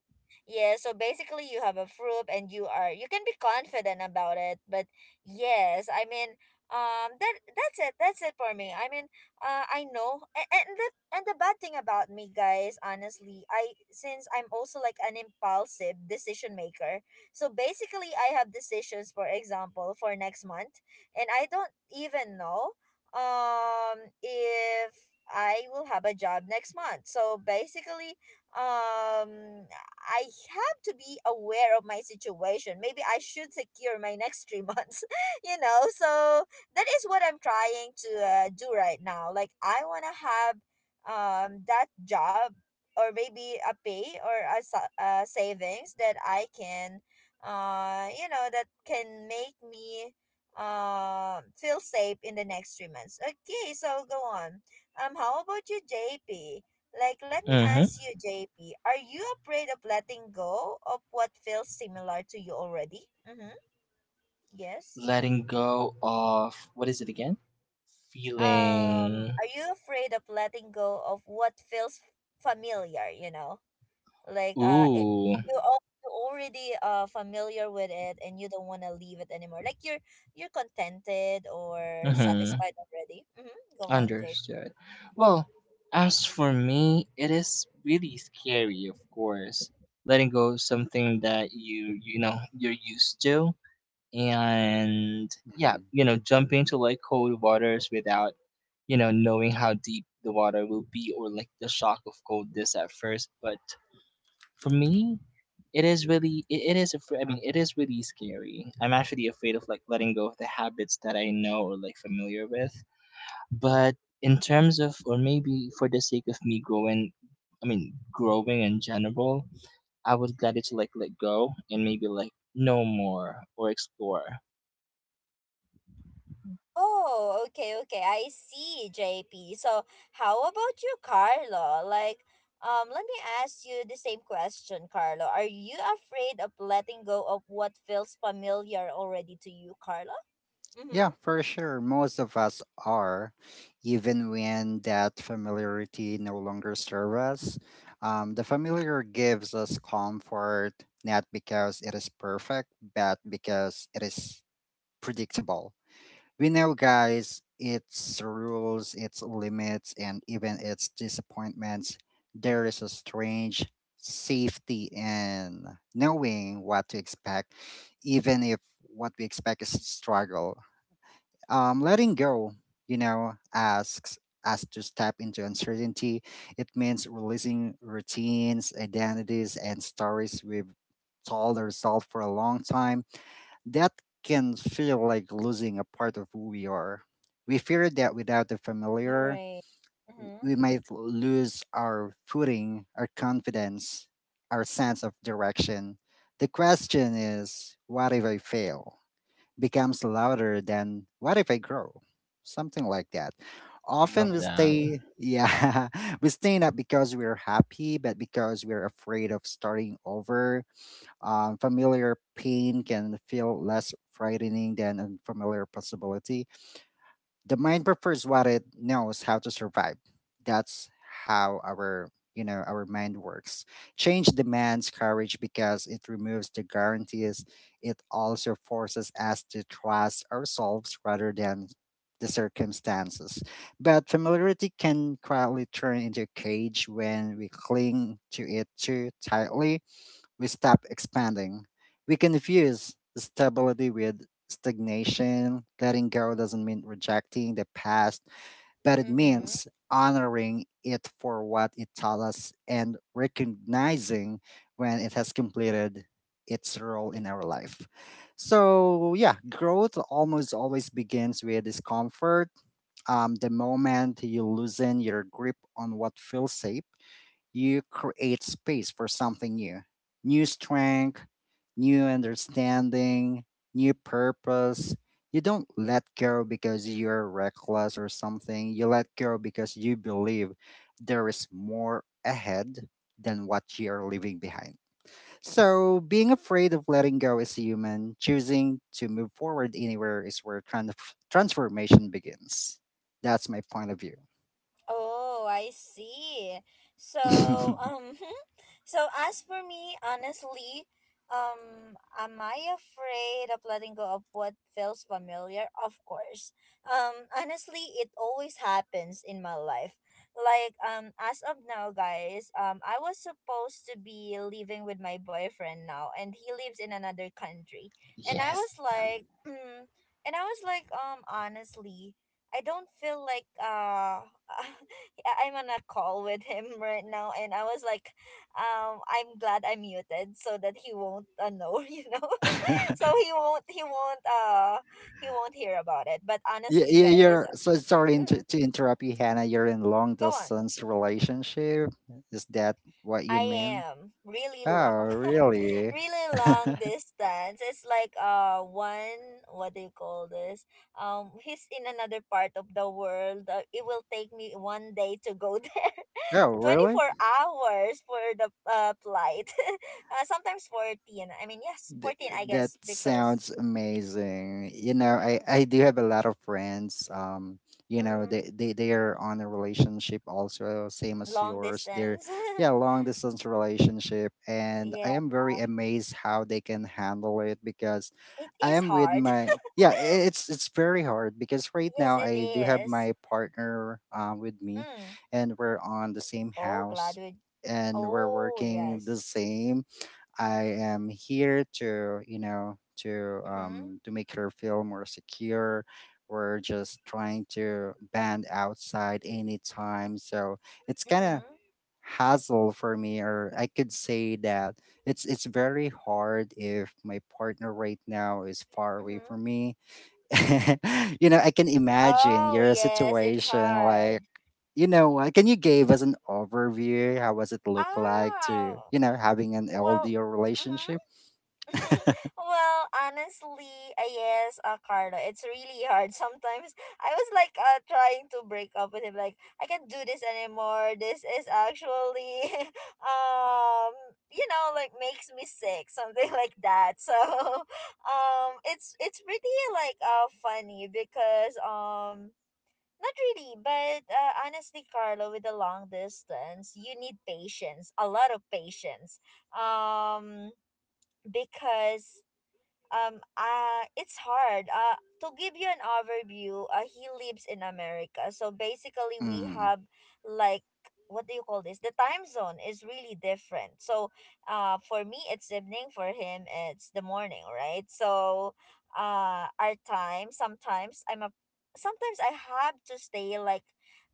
Speaker 1: Yeah, so basically you have a fruit and you can be confident about it. But yes, I mean, that's it. That's it for me. I mean, I know. And the bad thing about me, guys, honestly, I since I'm also like an impulsive decision maker. So basically I have decisions, for example, for next month, and I don't even know if I will have a job next month. So basically, um I have to be aware of my situation. Maybe I should secure my next 3 months, you know? So that is what I'm trying to do right now. Like, I want to have that job, or maybe a pay, or a savings that I can, that can make me feel safe in the next 3 months. Okay, so go on. How about you, JP? Like, let me
Speaker 2: Hmm.
Speaker 1: ask you, JP, are you afraid of letting go of what feels similar to you already? Mm-hmm. Yes.
Speaker 2: Letting go of what is it again? Feeling.
Speaker 1: Are you afraid of letting go of what feels familiar, you know? Like,
Speaker 2: Ooh.
Speaker 1: you already familiar with it and you don't want to leave it anymore. Like, you're contented or
Speaker 2: Hmm.
Speaker 1: satisfied already. Mm-hmm. Go on, JP.
Speaker 2: Understood. Well, as for me, it is really scary, of course, letting go of something that you know you're used to, and yeah,
Speaker 3: Hmm.
Speaker 2: you know, jumping to like cold waters without, you know, knowing how deep the water will be or like the shock of coldness at first. But for me, it is really, I mean, it is really scary. I'm actually afraid of like letting go of the habits that I know or like familiar with. But in terms of, or maybe for the sake of me growing, I mean, growing in general, I would gladly to like let go and maybe like know more or explore.
Speaker 1: Oh, okay, okay. I see, JP. So, how about you, Carlo? Like, let me ask you the same question, Carlo. Are you afraid of letting go of what feels familiar already to you, Carlo? Mm-hmm.
Speaker 3: Yeah, for sure. Most of us are, even when that familiarity no longer serves us. The familiar gives us comfort, not because it is perfect, but because it is predictable. We know, guys, its rules, its limits, and even its disappointments. There is a strange safety in knowing what to expect, even if what we expect is a struggle. Letting go, you know, asks us to step into uncertainty. It means releasing routines, identities, and stories we've told ourselves for a long time that can feel like losing a part of who we are. We fear that without the familiar,
Speaker 1: Right. Mm-hmm.
Speaker 3: we might lose our footing, our confidence, our sense of direction. The question is, what if I fail? Becomes louder than, what if I grow? Something like that. Often
Speaker 2: Love
Speaker 3: we
Speaker 1: Mm-hmm.
Speaker 2: that.
Speaker 3: stay, yeah, we stay not because we're happy, but because we're afraid of starting over. Familiar pain can feel less frightening than unfamiliar possibility. The mind prefers what it knows how to survive. That's how our you know our mind works. Change demands courage because it removes the guarantees. It also forces us to trust ourselves rather than the circumstances. But familiarity can quietly turn into a cage. When we cling to it too tightly, we stop expanding. We confuse stability with stagnation. Letting go doesn't mean rejecting the past, but it
Speaker 1: Mm-hmm.
Speaker 3: means honoring it for what it taught us and recognizing when it has completed its role in our life. So, yeah, growth almost always begins with discomfort. The moment you loosen your grip on what feels safe, you create space for something new, new strength, new understanding, new purpose. You don't let go because you're reckless or something. You let go because you believe there is more ahead than what you're leaving behind. So, being afraid of letting go is human. Choosing to move forward anywhere is where transformation begins. That's my point of view.
Speaker 1: Oh, I see. So, so as for me, honestly, am I afraid of letting go of what feels familiar? Of course. Honestly, it always happens in my life. Like, as of now, guys, I was supposed to be living with my boyfriend now, and he lives in another country, and I
Speaker 2: Yes.
Speaker 1: was like, and I was like, honestly, I don't feel like I'm on a call with him right now, and I was like, I'm glad I muted so that he won't know, so he won't hear about it. But
Speaker 3: Yeah,
Speaker 1: honestly,
Speaker 3: yeah,
Speaker 1: guys,
Speaker 3: you're so sorry
Speaker 1: mm,
Speaker 3: to interrupt you, Hannah. You're in long
Speaker 1: go on.
Speaker 3: distance relationship. Is that what you
Speaker 1: I
Speaker 3: mean?
Speaker 1: am really
Speaker 3: Oh,
Speaker 1: long,
Speaker 3: really?
Speaker 1: really long distance. It's like, one, what do you call this? He's in another part of the world. It will take me one day to go there.
Speaker 3: Oh, really?
Speaker 1: 24 hours for the flight, sometimes 14, I mean, yes,
Speaker 3: Th-
Speaker 1: 14, I
Speaker 3: that
Speaker 1: guess, because.
Speaker 3: sounds amazing. You know,
Speaker 1: Mm-hmm.
Speaker 3: I do have a lot of friends. You know,
Speaker 1: Mm-hmm,
Speaker 3: they are on a relationship also, same as
Speaker 1: long
Speaker 3: yours. They're
Speaker 1: distance.
Speaker 3: yeah, long distance relationship, and I
Speaker 1: Yeah,
Speaker 3: am very amazed how they can handle it because
Speaker 1: it
Speaker 3: I
Speaker 1: is
Speaker 3: am with
Speaker 1: hard.
Speaker 3: my yeah. I- it's very hard because right
Speaker 1: Yes,
Speaker 3: now
Speaker 1: it
Speaker 3: I do have
Speaker 1: is.
Speaker 3: my partner with me,
Speaker 1: Mm.
Speaker 3: and we're on the same
Speaker 1: Oh, glad
Speaker 3: house,
Speaker 1: we.
Speaker 3: and we're
Speaker 1: Oh,
Speaker 3: working the
Speaker 1: yes.
Speaker 3: same. I am here to, you know,
Speaker 1: Mm-hmm.
Speaker 3: to make her feel more secure. We're just trying to band outside anytime, so it's kind of
Speaker 1: Mm-hmm.
Speaker 3: hassle for me, or I could say that it's very hard if my partner right now is far away
Speaker 1: Mm-hmm.
Speaker 3: from me. You know, I can imagine
Speaker 1: Oh,
Speaker 3: your
Speaker 1: yes, it's
Speaker 3: situation.
Speaker 1: hard.
Speaker 3: Like, you know what, can you give us an overview? How was it look like to,
Speaker 1: Ah,
Speaker 3: you know, having an
Speaker 1: well.
Speaker 3: LDO
Speaker 1: Mm-hmm.
Speaker 3: relationship?
Speaker 1: Well, honestly, yes, Carlo, it's really hard. Sometimes I was like, trying to break up with him, like, I can't do this anymore. This is actually, um, like, makes me sick, something like that. So, it's pretty, like, funny, because. Not really, but honestly, Carlo, with the long distance, you need patience, a lot of patience. Um, because it's hard to give you an overview. He lives in America, so basically we
Speaker 3: Hmm.
Speaker 1: have, like, what do you call this, the time zone is really different. So, for me it's evening, for him it's the morning, right? So, our time, sometimes, I'm a sometimes I have to stay like,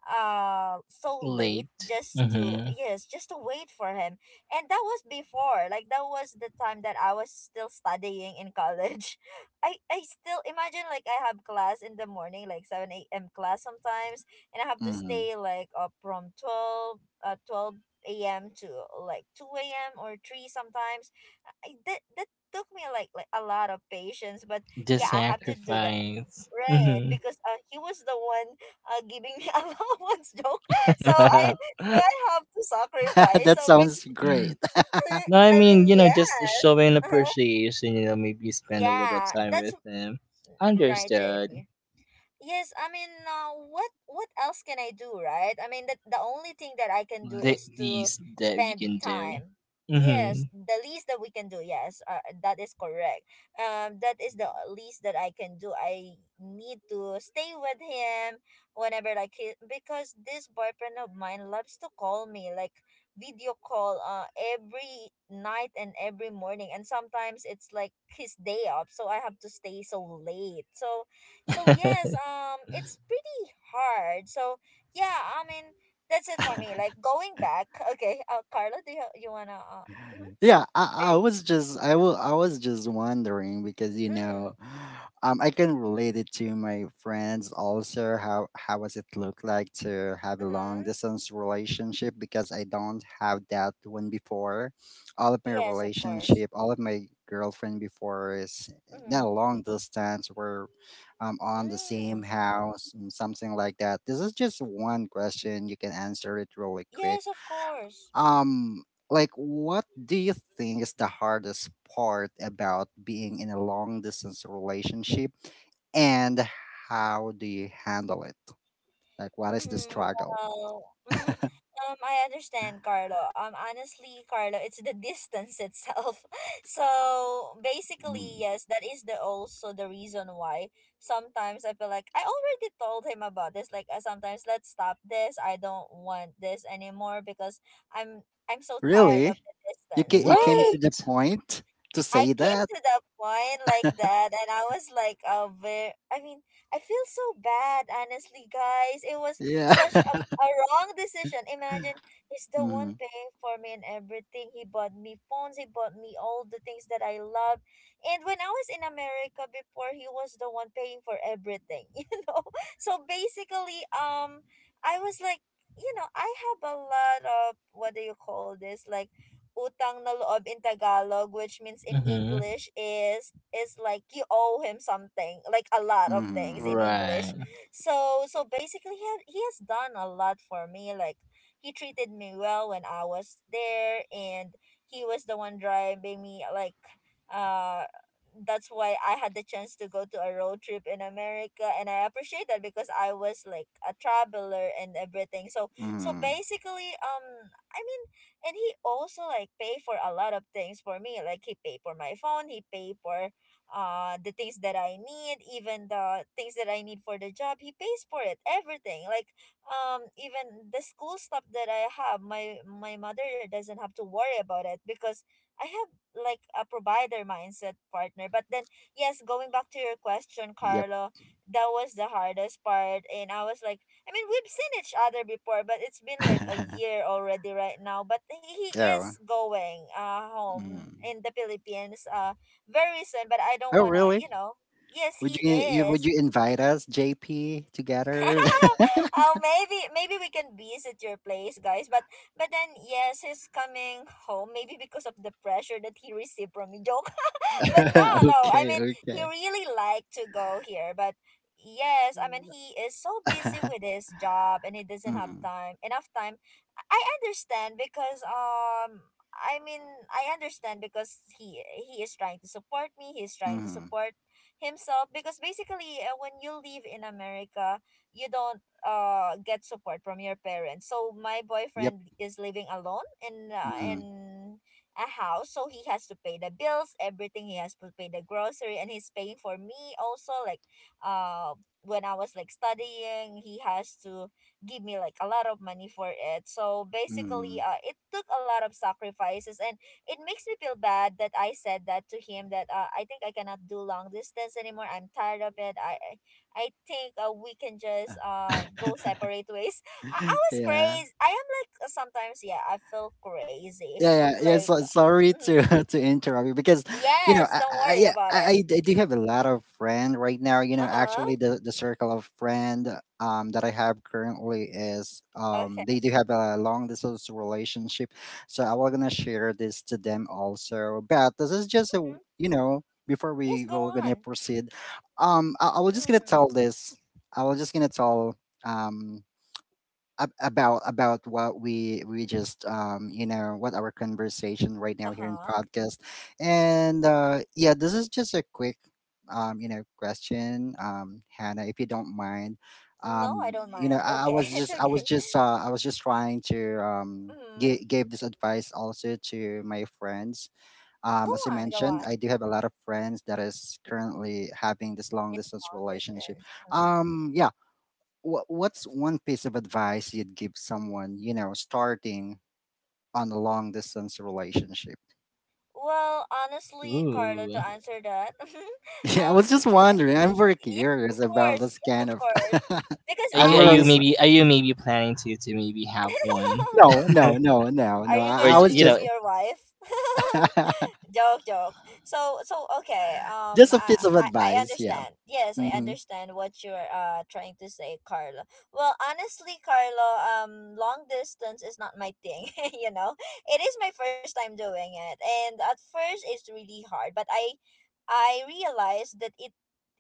Speaker 1: so late
Speaker 2: Late.
Speaker 1: just to,
Speaker 2: Mm-hmm.
Speaker 1: yes, just to wait for him. And that was before, like, that was the time that I was still studying in college. I still imagine, like, I have class in the morning, like 7 a.m class sometimes, and I have to
Speaker 3: Hmm.
Speaker 1: stay like up from 12 a.m to like 2 a.m or 3 sometimes. I, that that took me like, a lot of patience, but
Speaker 2: The
Speaker 1: yeah, I have to do that,
Speaker 2: sacrifice.
Speaker 1: right?
Speaker 2: Mm-hmm.
Speaker 1: Because he was the one giving me allowance, joke. So, i so i have to sacrifice,
Speaker 3: That
Speaker 1: so.
Speaker 3: sounds great.
Speaker 2: No, I
Speaker 1: I mean,
Speaker 2: mean, you know, just
Speaker 1: yes.
Speaker 2: showing
Speaker 1: Uh-huh.
Speaker 2: appreciation, you know, maybe spend a little
Speaker 1: Yeah,
Speaker 2: time
Speaker 1: that's
Speaker 2: with them.
Speaker 1: right,
Speaker 2: Understood.
Speaker 1: JP. Yes, I mean, what else can I do, right? I mean, the only thing that I can do
Speaker 2: The
Speaker 1: is to
Speaker 2: least that we
Speaker 1: spend the
Speaker 2: can do.
Speaker 1: time.
Speaker 2: Mm-hmm.
Speaker 1: Yes, the least that we can do. Yes, that is correct. That is the least that I can do. I need to stay with him whenever like because this boyfriend of mine loves to call me like video call every night and every morning, and sometimes it's like his day off, so I have to stay so late. So yes, it's pretty hard. So yeah, I mean, that's it for me. Like going back, okay. Carla, do you wanna? Mm-hmm.
Speaker 3: Yeah,
Speaker 1: Are
Speaker 3: I
Speaker 1: you,
Speaker 3: was just I was just wondering because, you know,
Speaker 1: mm,
Speaker 3: I can relate it to my friends also. How does it look like to have a long
Speaker 1: mm-hmm.
Speaker 3: distance relationship? Because I don't have that one before. All of my
Speaker 1: Yes, of course.
Speaker 3: relationship, all of my girlfriend before is not
Speaker 1: Mm-hmm.
Speaker 3: long distance. We're on the same
Speaker 1: Mm.
Speaker 3: house and something like that. This is just one question. You can answer it really quick.
Speaker 1: Yes, of course.
Speaker 3: Like, what do you think is the hardest part about being in a long distance relationship, and how do you handle it? Like, what is the
Speaker 1: Mm,
Speaker 3: struggle?
Speaker 1: well. Mm-hmm. I understand, Carlo. Honestly, Carlo, it's the distance itself. So basically,
Speaker 3: Hmm.
Speaker 1: yes, that is the also the reason why sometimes I feel like I already told him about this. Like, sometimes let's stop this. I don't want this anymore because I'm so tired of
Speaker 3: Really?
Speaker 1: the distance.
Speaker 3: You came to
Speaker 1: Right?
Speaker 3: the
Speaker 2: What?
Speaker 3: point to
Speaker 1: I
Speaker 3: say
Speaker 1: came
Speaker 3: that?
Speaker 1: to that point like that, and I was like, very, I mean, I feel so bad, honestly, guys. It was
Speaker 3: Yeah.
Speaker 1: such a wrong decision. Imagine he's the
Speaker 3: Mm-hmm.
Speaker 1: one paying for me and everything. He bought me phones, he bought me all the things that I love. And when I was in America before, he was the one paying for everything, you know? So basically, I was like, you know, I have a lot of, what do you call this? Like, utang na loob in Tagalog, which means in
Speaker 2: Mm-hmm.
Speaker 1: English is like you owe him something, like a lot of things
Speaker 3: Mm-hmm.
Speaker 1: in English.
Speaker 2: Right.
Speaker 1: So so basically, he has done a lot for me. Like he treated me well when I was there, and he was the one driving me. Like uh, that's why I had the chance to go to a road trip in America, and I appreciate that because I was like a traveler and everything. So
Speaker 3: Mm.
Speaker 1: so basically, I mean, and he also like pay for a lot of things for me, like he pay for my phone, he pay for the things that I need, even the things that I need for the job, he pays for it everything, like even the school stuff that I have, my mother doesn't have to worry about it because I have like a provider mindset partner. But then yes, going back to your question,
Speaker 3: Yep.
Speaker 1: Carlo, that was the hardest part, and I was like, I mean, we've seen each other before, but it's been like a year already right now. But he
Speaker 3: Yeah.
Speaker 1: is going home
Speaker 3: Mm.
Speaker 1: in the Philippines very soon. But I don't
Speaker 3: Oh,
Speaker 1: wanna, you
Speaker 3: really?
Speaker 1: know. Yes,
Speaker 3: Would
Speaker 1: he
Speaker 3: you, you would
Speaker 1: is.
Speaker 3: you invite us, JP, together?
Speaker 1: Oh, maybe we can visit your place, guys. But then yes, he's coming home. Maybe because of the pressure that he received from me. Joke but no, no. I
Speaker 3: Okay,
Speaker 1: mean,
Speaker 3: okay.
Speaker 1: he really liked to go here, but yes, I mean, he is so busy with his job, and he doesn't have
Speaker 3: Mhm,
Speaker 1: time enough time. I understand because. I mean, I understand because he is trying to support me. He is trying to
Speaker 3: mhm.
Speaker 1: support himself because basically, when you live in America, you don't get support from your parents. So my
Speaker 3: Yep.
Speaker 1: boyfriend is living alone in
Speaker 3: Mhm,
Speaker 1: a house, so he has to pay the bills, everything. He has to pay the grocery, and he's paying for me also. Like, uh, when I was like studying, he has to give me like a lot of money for it. So basically,
Speaker 3: mhm.
Speaker 1: it took a lot of sacrifices, and it makes me feel bad that I said that to him. That I think I cannot do long distance anymore. I'm tired of it. I think we can just go separate ways. I was
Speaker 3: Yeah.
Speaker 1: crazy. I am like sometimes yeah I feel crazy.
Speaker 3: Yeah, yeah, yeah.
Speaker 1: Like
Speaker 3: So, sorry
Speaker 1: Mm-hmm.
Speaker 3: to to interrupt you because, you know,
Speaker 1: Yes, don't
Speaker 3: I
Speaker 1: worry
Speaker 3: yeah,
Speaker 1: about it.
Speaker 3: I do have
Speaker 1: Mm-hmm.
Speaker 3: a lot of friend right now. You know,
Speaker 1: Uh-huh.
Speaker 3: actually, the circle of friend that I have currently is
Speaker 1: Okay.
Speaker 3: they do have a long distance relationship, so I was gonna share this to them also. But this is just a
Speaker 1: Mm-hmm.
Speaker 3: you know, before
Speaker 1: Yes,
Speaker 3: we
Speaker 1: go
Speaker 3: were gonna
Speaker 1: on.
Speaker 3: proceed, I was just gonna
Speaker 1: Mm.
Speaker 3: tell this. I was just gonna tell um about what we just you know, what our conversation right now here in
Speaker 1: Uh-huh.
Speaker 3: podcast, and yeah, this is just a quick you know question, Hannah, if you don't mind,
Speaker 1: No, I don't
Speaker 3: you know,
Speaker 1: mind.
Speaker 3: I
Speaker 1: Okay,
Speaker 3: was
Speaker 1: it's
Speaker 3: just i
Speaker 1: okay.
Speaker 3: was just uh i was just trying to
Speaker 1: Mm-hmm.
Speaker 3: give this advice also to my friends,
Speaker 1: Go
Speaker 3: as I
Speaker 1: on, go
Speaker 3: mentioned,
Speaker 1: on.
Speaker 3: I do have a lot of friends that is currently having this long distance
Speaker 1: Long
Speaker 3: relationship.
Speaker 1: distance. Mhm.
Speaker 3: Yeah, what's one piece of advice you'd give someone, you know, starting on a long distance relationship?
Speaker 1: Well, honestly, Carlo,
Speaker 2: Ooh.
Speaker 1: to answer that,
Speaker 3: Yeah, I
Speaker 1: um, uh,
Speaker 3: was just wondering. I'm very curious about this
Speaker 1: yes,
Speaker 3: kind
Speaker 1: of
Speaker 3: of.
Speaker 1: course, because
Speaker 2: Are
Speaker 3: I'm
Speaker 2: you,
Speaker 1: I
Speaker 2: are
Speaker 3: really
Speaker 2: you
Speaker 1: honestly,
Speaker 2: maybe are you maybe planning to maybe have one
Speaker 3: no, no, no, no,
Speaker 1: are
Speaker 3: no.
Speaker 1: you
Speaker 2: or
Speaker 3: I
Speaker 1: gonna
Speaker 3: was
Speaker 2: you
Speaker 1: leave
Speaker 3: just
Speaker 2: know?
Speaker 1: your wife? joke joke so so okay
Speaker 3: just a
Speaker 1: I,
Speaker 3: piece of
Speaker 1: I i
Speaker 3: advice. Yeah.
Speaker 1: understand, yes, I
Speaker 3: Mm-hmm.
Speaker 1: understand what you're trying to say, Carlo. Well, honestly, Carlo, long distance is not my thing. You know, it is my first time doing it, and at first it's really hard, but i realized that it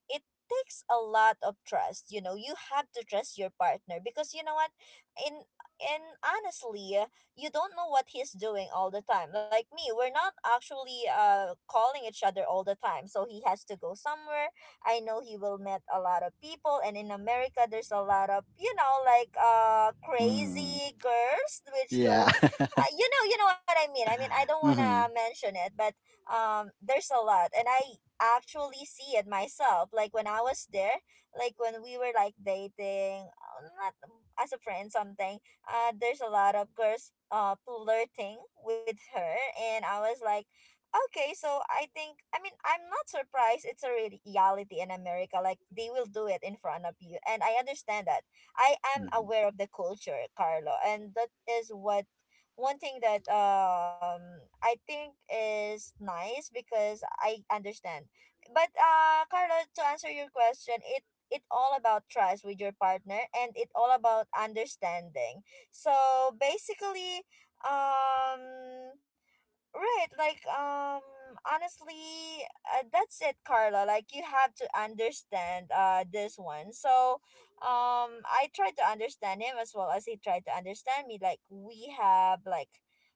Speaker 1: it takes a lot of trust. You know, you have to trust your partner, because you know what, in and honestly, you don't know what he's doing all the time. Like me, we're not actually calling each other all the time, so he has to go somewhere. I know he will meet a lot of people, and in America there's a lot of, you know, like
Speaker 3: Mm-hmm.
Speaker 1: crazy girls, which
Speaker 3: Yeah.
Speaker 1: will you know, you know what I mean, I mean, I don't want to
Speaker 3: Mm-hmm.
Speaker 1: mention it, but there's a lot, and I actually see it myself. Like when I was there, like when we were like dating, not as a friend, something. There's a lot of girls flirting with her, and I was like. Okay, so I think, I mean, I'm not surprised, it's a reality in America. Like they will do it in front of you, and I understand that. I am
Speaker 3: Mm-hmm.
Speaker 1: aware of the culture, Carlo, and that is what one thing that I think is nice because I understand. But Carla, to answer your question, it all about trust with your partner, and it all about understanding. So basically, um right, like honestly, that's it, Carla. Like you have to understand this one. So, I tried to understand him as well as he tried to understand me. Like we have like,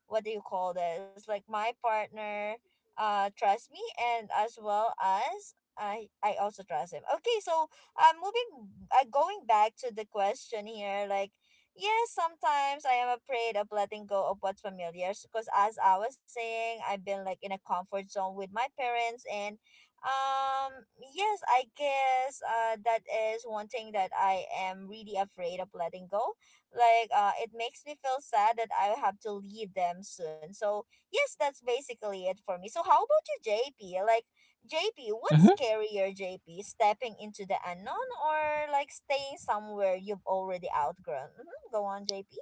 Speaker 1: what do you call this? Like my partner trusts me, and as well as I also trust him. Okay, so moving going back to the question here, like yes, sometimes I am afraid of letting go of what's familiar, because as I was saying, I've been like in a comfort zone with my parents, and um yes, I guess that is one thing that I am really afraid of letting go. Like it makes me feel sad that I have to leave them soon. So, yes, that's basically it for me. So, how about you, JP? Like JP, what's scarier, JP? Stepping into the unknown or like staying somewhere you've already outgrown? Hmm. Go on, JP.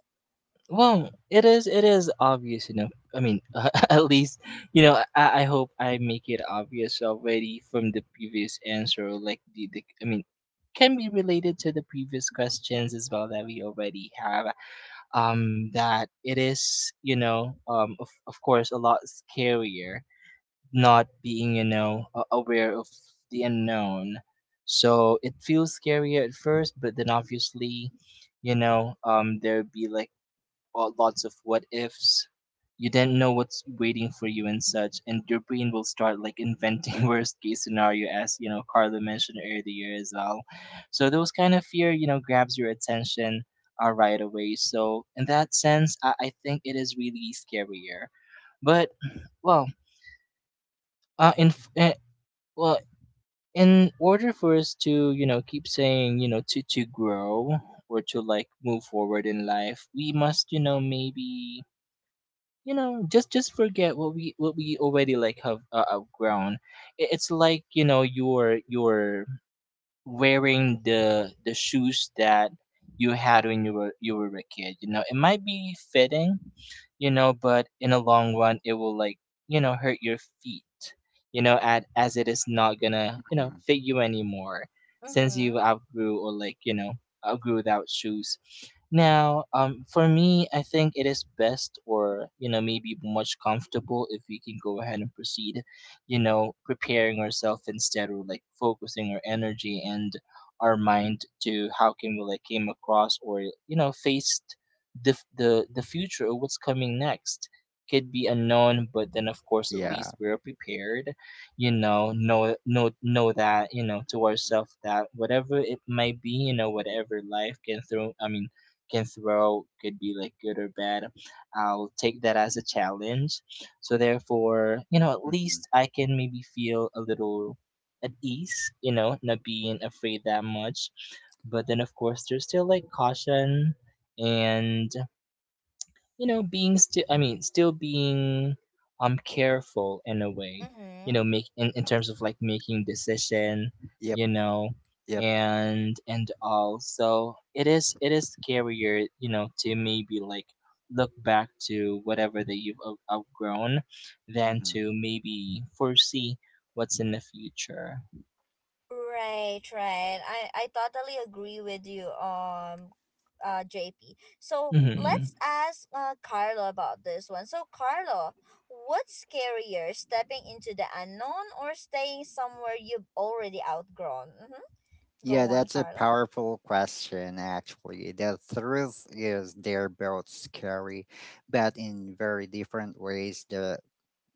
Speaker 2: Well, it is obvious enough. I mean, at least you know. I hope I make it obvious already from the previous answer. Like the I mean, can be related to the previous questions as well that we already have. That it is, you know, um, of course a lot scarier not being, you know, aware of the unknown. So it feels scarier at first, but then obviously you know there'd be like all lots of what ifs. You don't know what's waiting for you and such, and your brain will start like inventing worst case scenario, as you know Carla mentioned earlier as well. So those kind of fear, you know, grabs your attention, right away. So in that sense, I think it is really scarier. But well, uh, in f- eh, well, in order for us to, you know, keep saying, you know, to grow or to like move forward in life, we must, you know, maybe you know just forget what we already like have, outgrown. I- it's like, you know, your wearing the shoes that you had when you were a kid. You know, it might be fitting, you know, but in the long run, it will like you know hurt your feet. You know, at as it is not gonna you know fit you anymore since you
Speaker 1: Mm-hmm.
Speaker 2: outgrew or like you know outgrew without shoes. Now, for me, I think it is best or you know maybe much comfortable if we can go ahead and proceed, you know, preparing ourselves instead or like focusing our energy and our mind to how can we like came across or, you know, faced the f- the future or what's coming next. Could be unknown, but then of course at
Speaker 3: Yeah.
Speaker 2: least we're prepared, you know that you know to ourselves that whatever it might be, you know, whatever life can throw, I mean, can throw could be like good or bad. I'll take that as a challenge. So therefore, you know, at
Speaker 3: Mm-hmm.
Speaker 2: least I can maybe feel a little at ease, you know, not being afraid that much. But then of course there's still like caution, and you know being still I mean still being, um, careful in a way, you know,
Speaker 1: Mm-hmm.
Speaker 2: in terms of like making decision,
Speaker 3: Yep.
Speaker 2: you know,
Speaker 3: Yep.
Speaker 2: and all. So it is scarier, you know, to maybe like look back to whatever that you've outgrown than
Speaker 3: Mm-hmm.
Speaker 2: to maybe foresee what's in the future.
Speaker 1: Right, right. I totally agree with you, JP. So
Speaker 2: Hmm.
Speaker 1: let's ask Carlo about this one. So, Carlo, what's scarier, stepping into the unknown or staying somewhere you've already outgrown? Mm-hmm. Go
Speaker 3: Yeah,
Speaker 1: on,
Speaker 3: that's a
Speaker 1: Carlo.
Speaker 3: powerful question, actually. The truth is they're both scary, but in very different ways. The,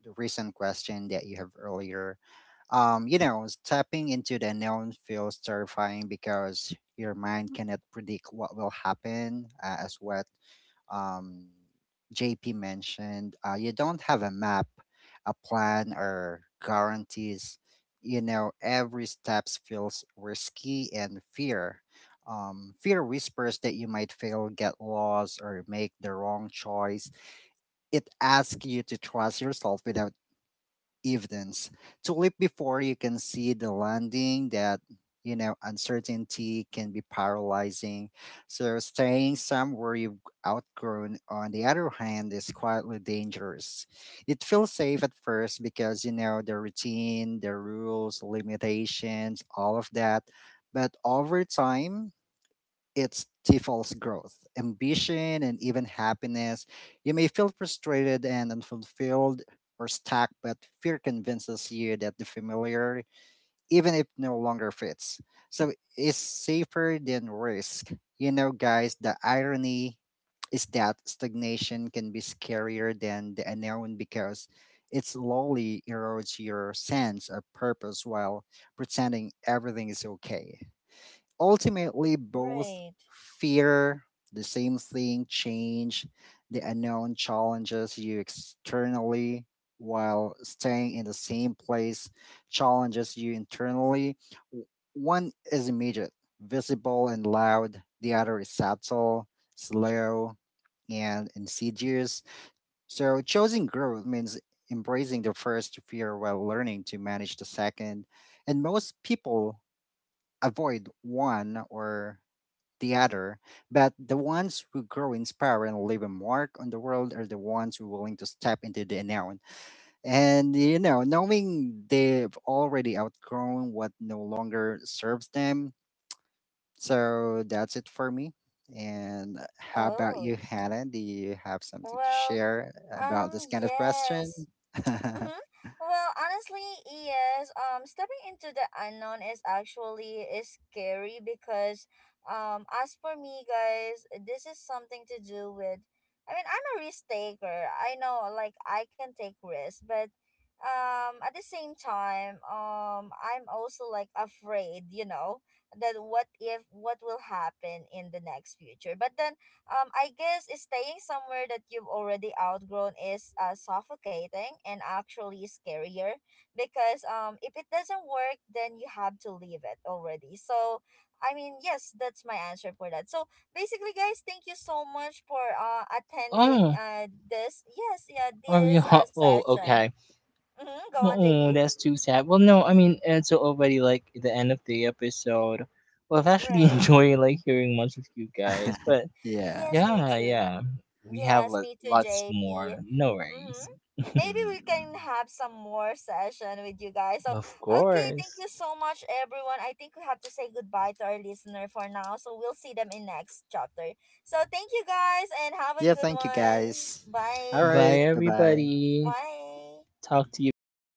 Speaker 3: the recent question that you have earlier, you know, stepping into the unknown feels terrifying because your mind cannot predict what will happen, as what um, JP mentioned, you don't have a map, a plan, or guarantees. You know, every step feels risky and fear. Fear whispers that you might fail, get lost, or make the wrong choice. It asks you to trust yourself without evidence. To leap before you can see the landing, that, you know, uncertainty can be paralyzing. So staying somewhere you've outgrown, on the other hand, is quietly dangerous. It feels safe at first because you know the routine, the rules, limitations, all of that. But over time, it's stifles growth, ambition, and even happiness. You may feel frustrated and unfulfilled or stuck, but fear convinces you that the familiar, even if no longer fits, so is safer than risk. You know, guys, the irony is that stagnation can be scarier than the unknown because it slowly erodes your sense of purpose while pretending everything is okay. Ultimately both
Speaker 1: Right.
Speaker 3: fear the same thing, change. The unknown challenges you externally, while staying in the same place challenges you internally. W- One is immediate, visible and loud. The other is subtle, slow, and insidious. So choosing growth means embracing the first fear while learning to manage the second, and most people avoid one or the other, but the ones who grow inspired and leave a mark on the world are the ones who are willing to step into the unknown. And, you know, knowing they've already outgrown what no longer serves them. So that's it for me. And how about
Speaker 1: Oh,
Speaker 3: you, Hannah? Do you have something to
Speaker 1: well,
Speaker 3: share
Speaker 1: um,
Speaker 3: about this kind of question?
Speaker 1: yes. Mm-hmm. Well, honestly, yes. Stepping into the unknown is actually is scary because, as for me, guys, this is something to do with. I mean, I'm a risk taker. I know, like, I can take risks, but, at the same time, I'm also like afraid. You know that what if what will happen in the next future, but then I guess staying somewhere that you've already outgrown is suffocating and actually scarier because if it doesn't work, then you have to leave it already. So, I mean, yes, that's my answer for that. So, basically, guys, thank you so much for attending
Speaker 2: Oh,
Speaker 1: this, yes, yeah,
Speaker 2: are you
Speaker 1: this
Speaker 2: oh,
Speaker 1: session.
Speaker 2: okay.
Speaker 1: Mm-hmm, go on, JP.
Speaker 2: Oh, that's too sad. Well, no, I mean it's already like the end of the episode. Well, I've actually
Speaker 1: Right.
Speaker 2: enjoyed like hearing much of you guys, but
Speaker 3: Yeah.
Speaker 1: Yes, me
Speaker 2: yeah,
Speaker 1: too.
Speaker 2: yeah, we have
Speaker 1: Yes,
Speaker 2: lo-
Speaker 1: me too,
Speaker 2: lots more.
Speaker 1: JP.
Speaker 2: No
Speaker 1: Mm-hmm.
Speaker 2: worries.
Speaker 1: Maybe we can
Speaker 3: Mm.
Speaker 1: have some more session with you guys. So,
Speaker 2: Of
Speaker 1: okay, thank
Speaker 2: course.
Speaker 1: you so much, everyone. I think we have to say goodbye to our listener for now. So, we'll see them in next chapter. So, thank you guys and have a
Speaker 3: Yeah,
Speaker 1: good
Speaker 3: thank you
Speaker 1: one.
Speaker 3: guys. All
Speaker 2: Bye,
Speaker 3: right.
Speaker 1: Bye.
Speaker 3: Bye bye.
Speaker 2: everybody.
Speaker 1: Bye.
Speaker 2: Talk to you again.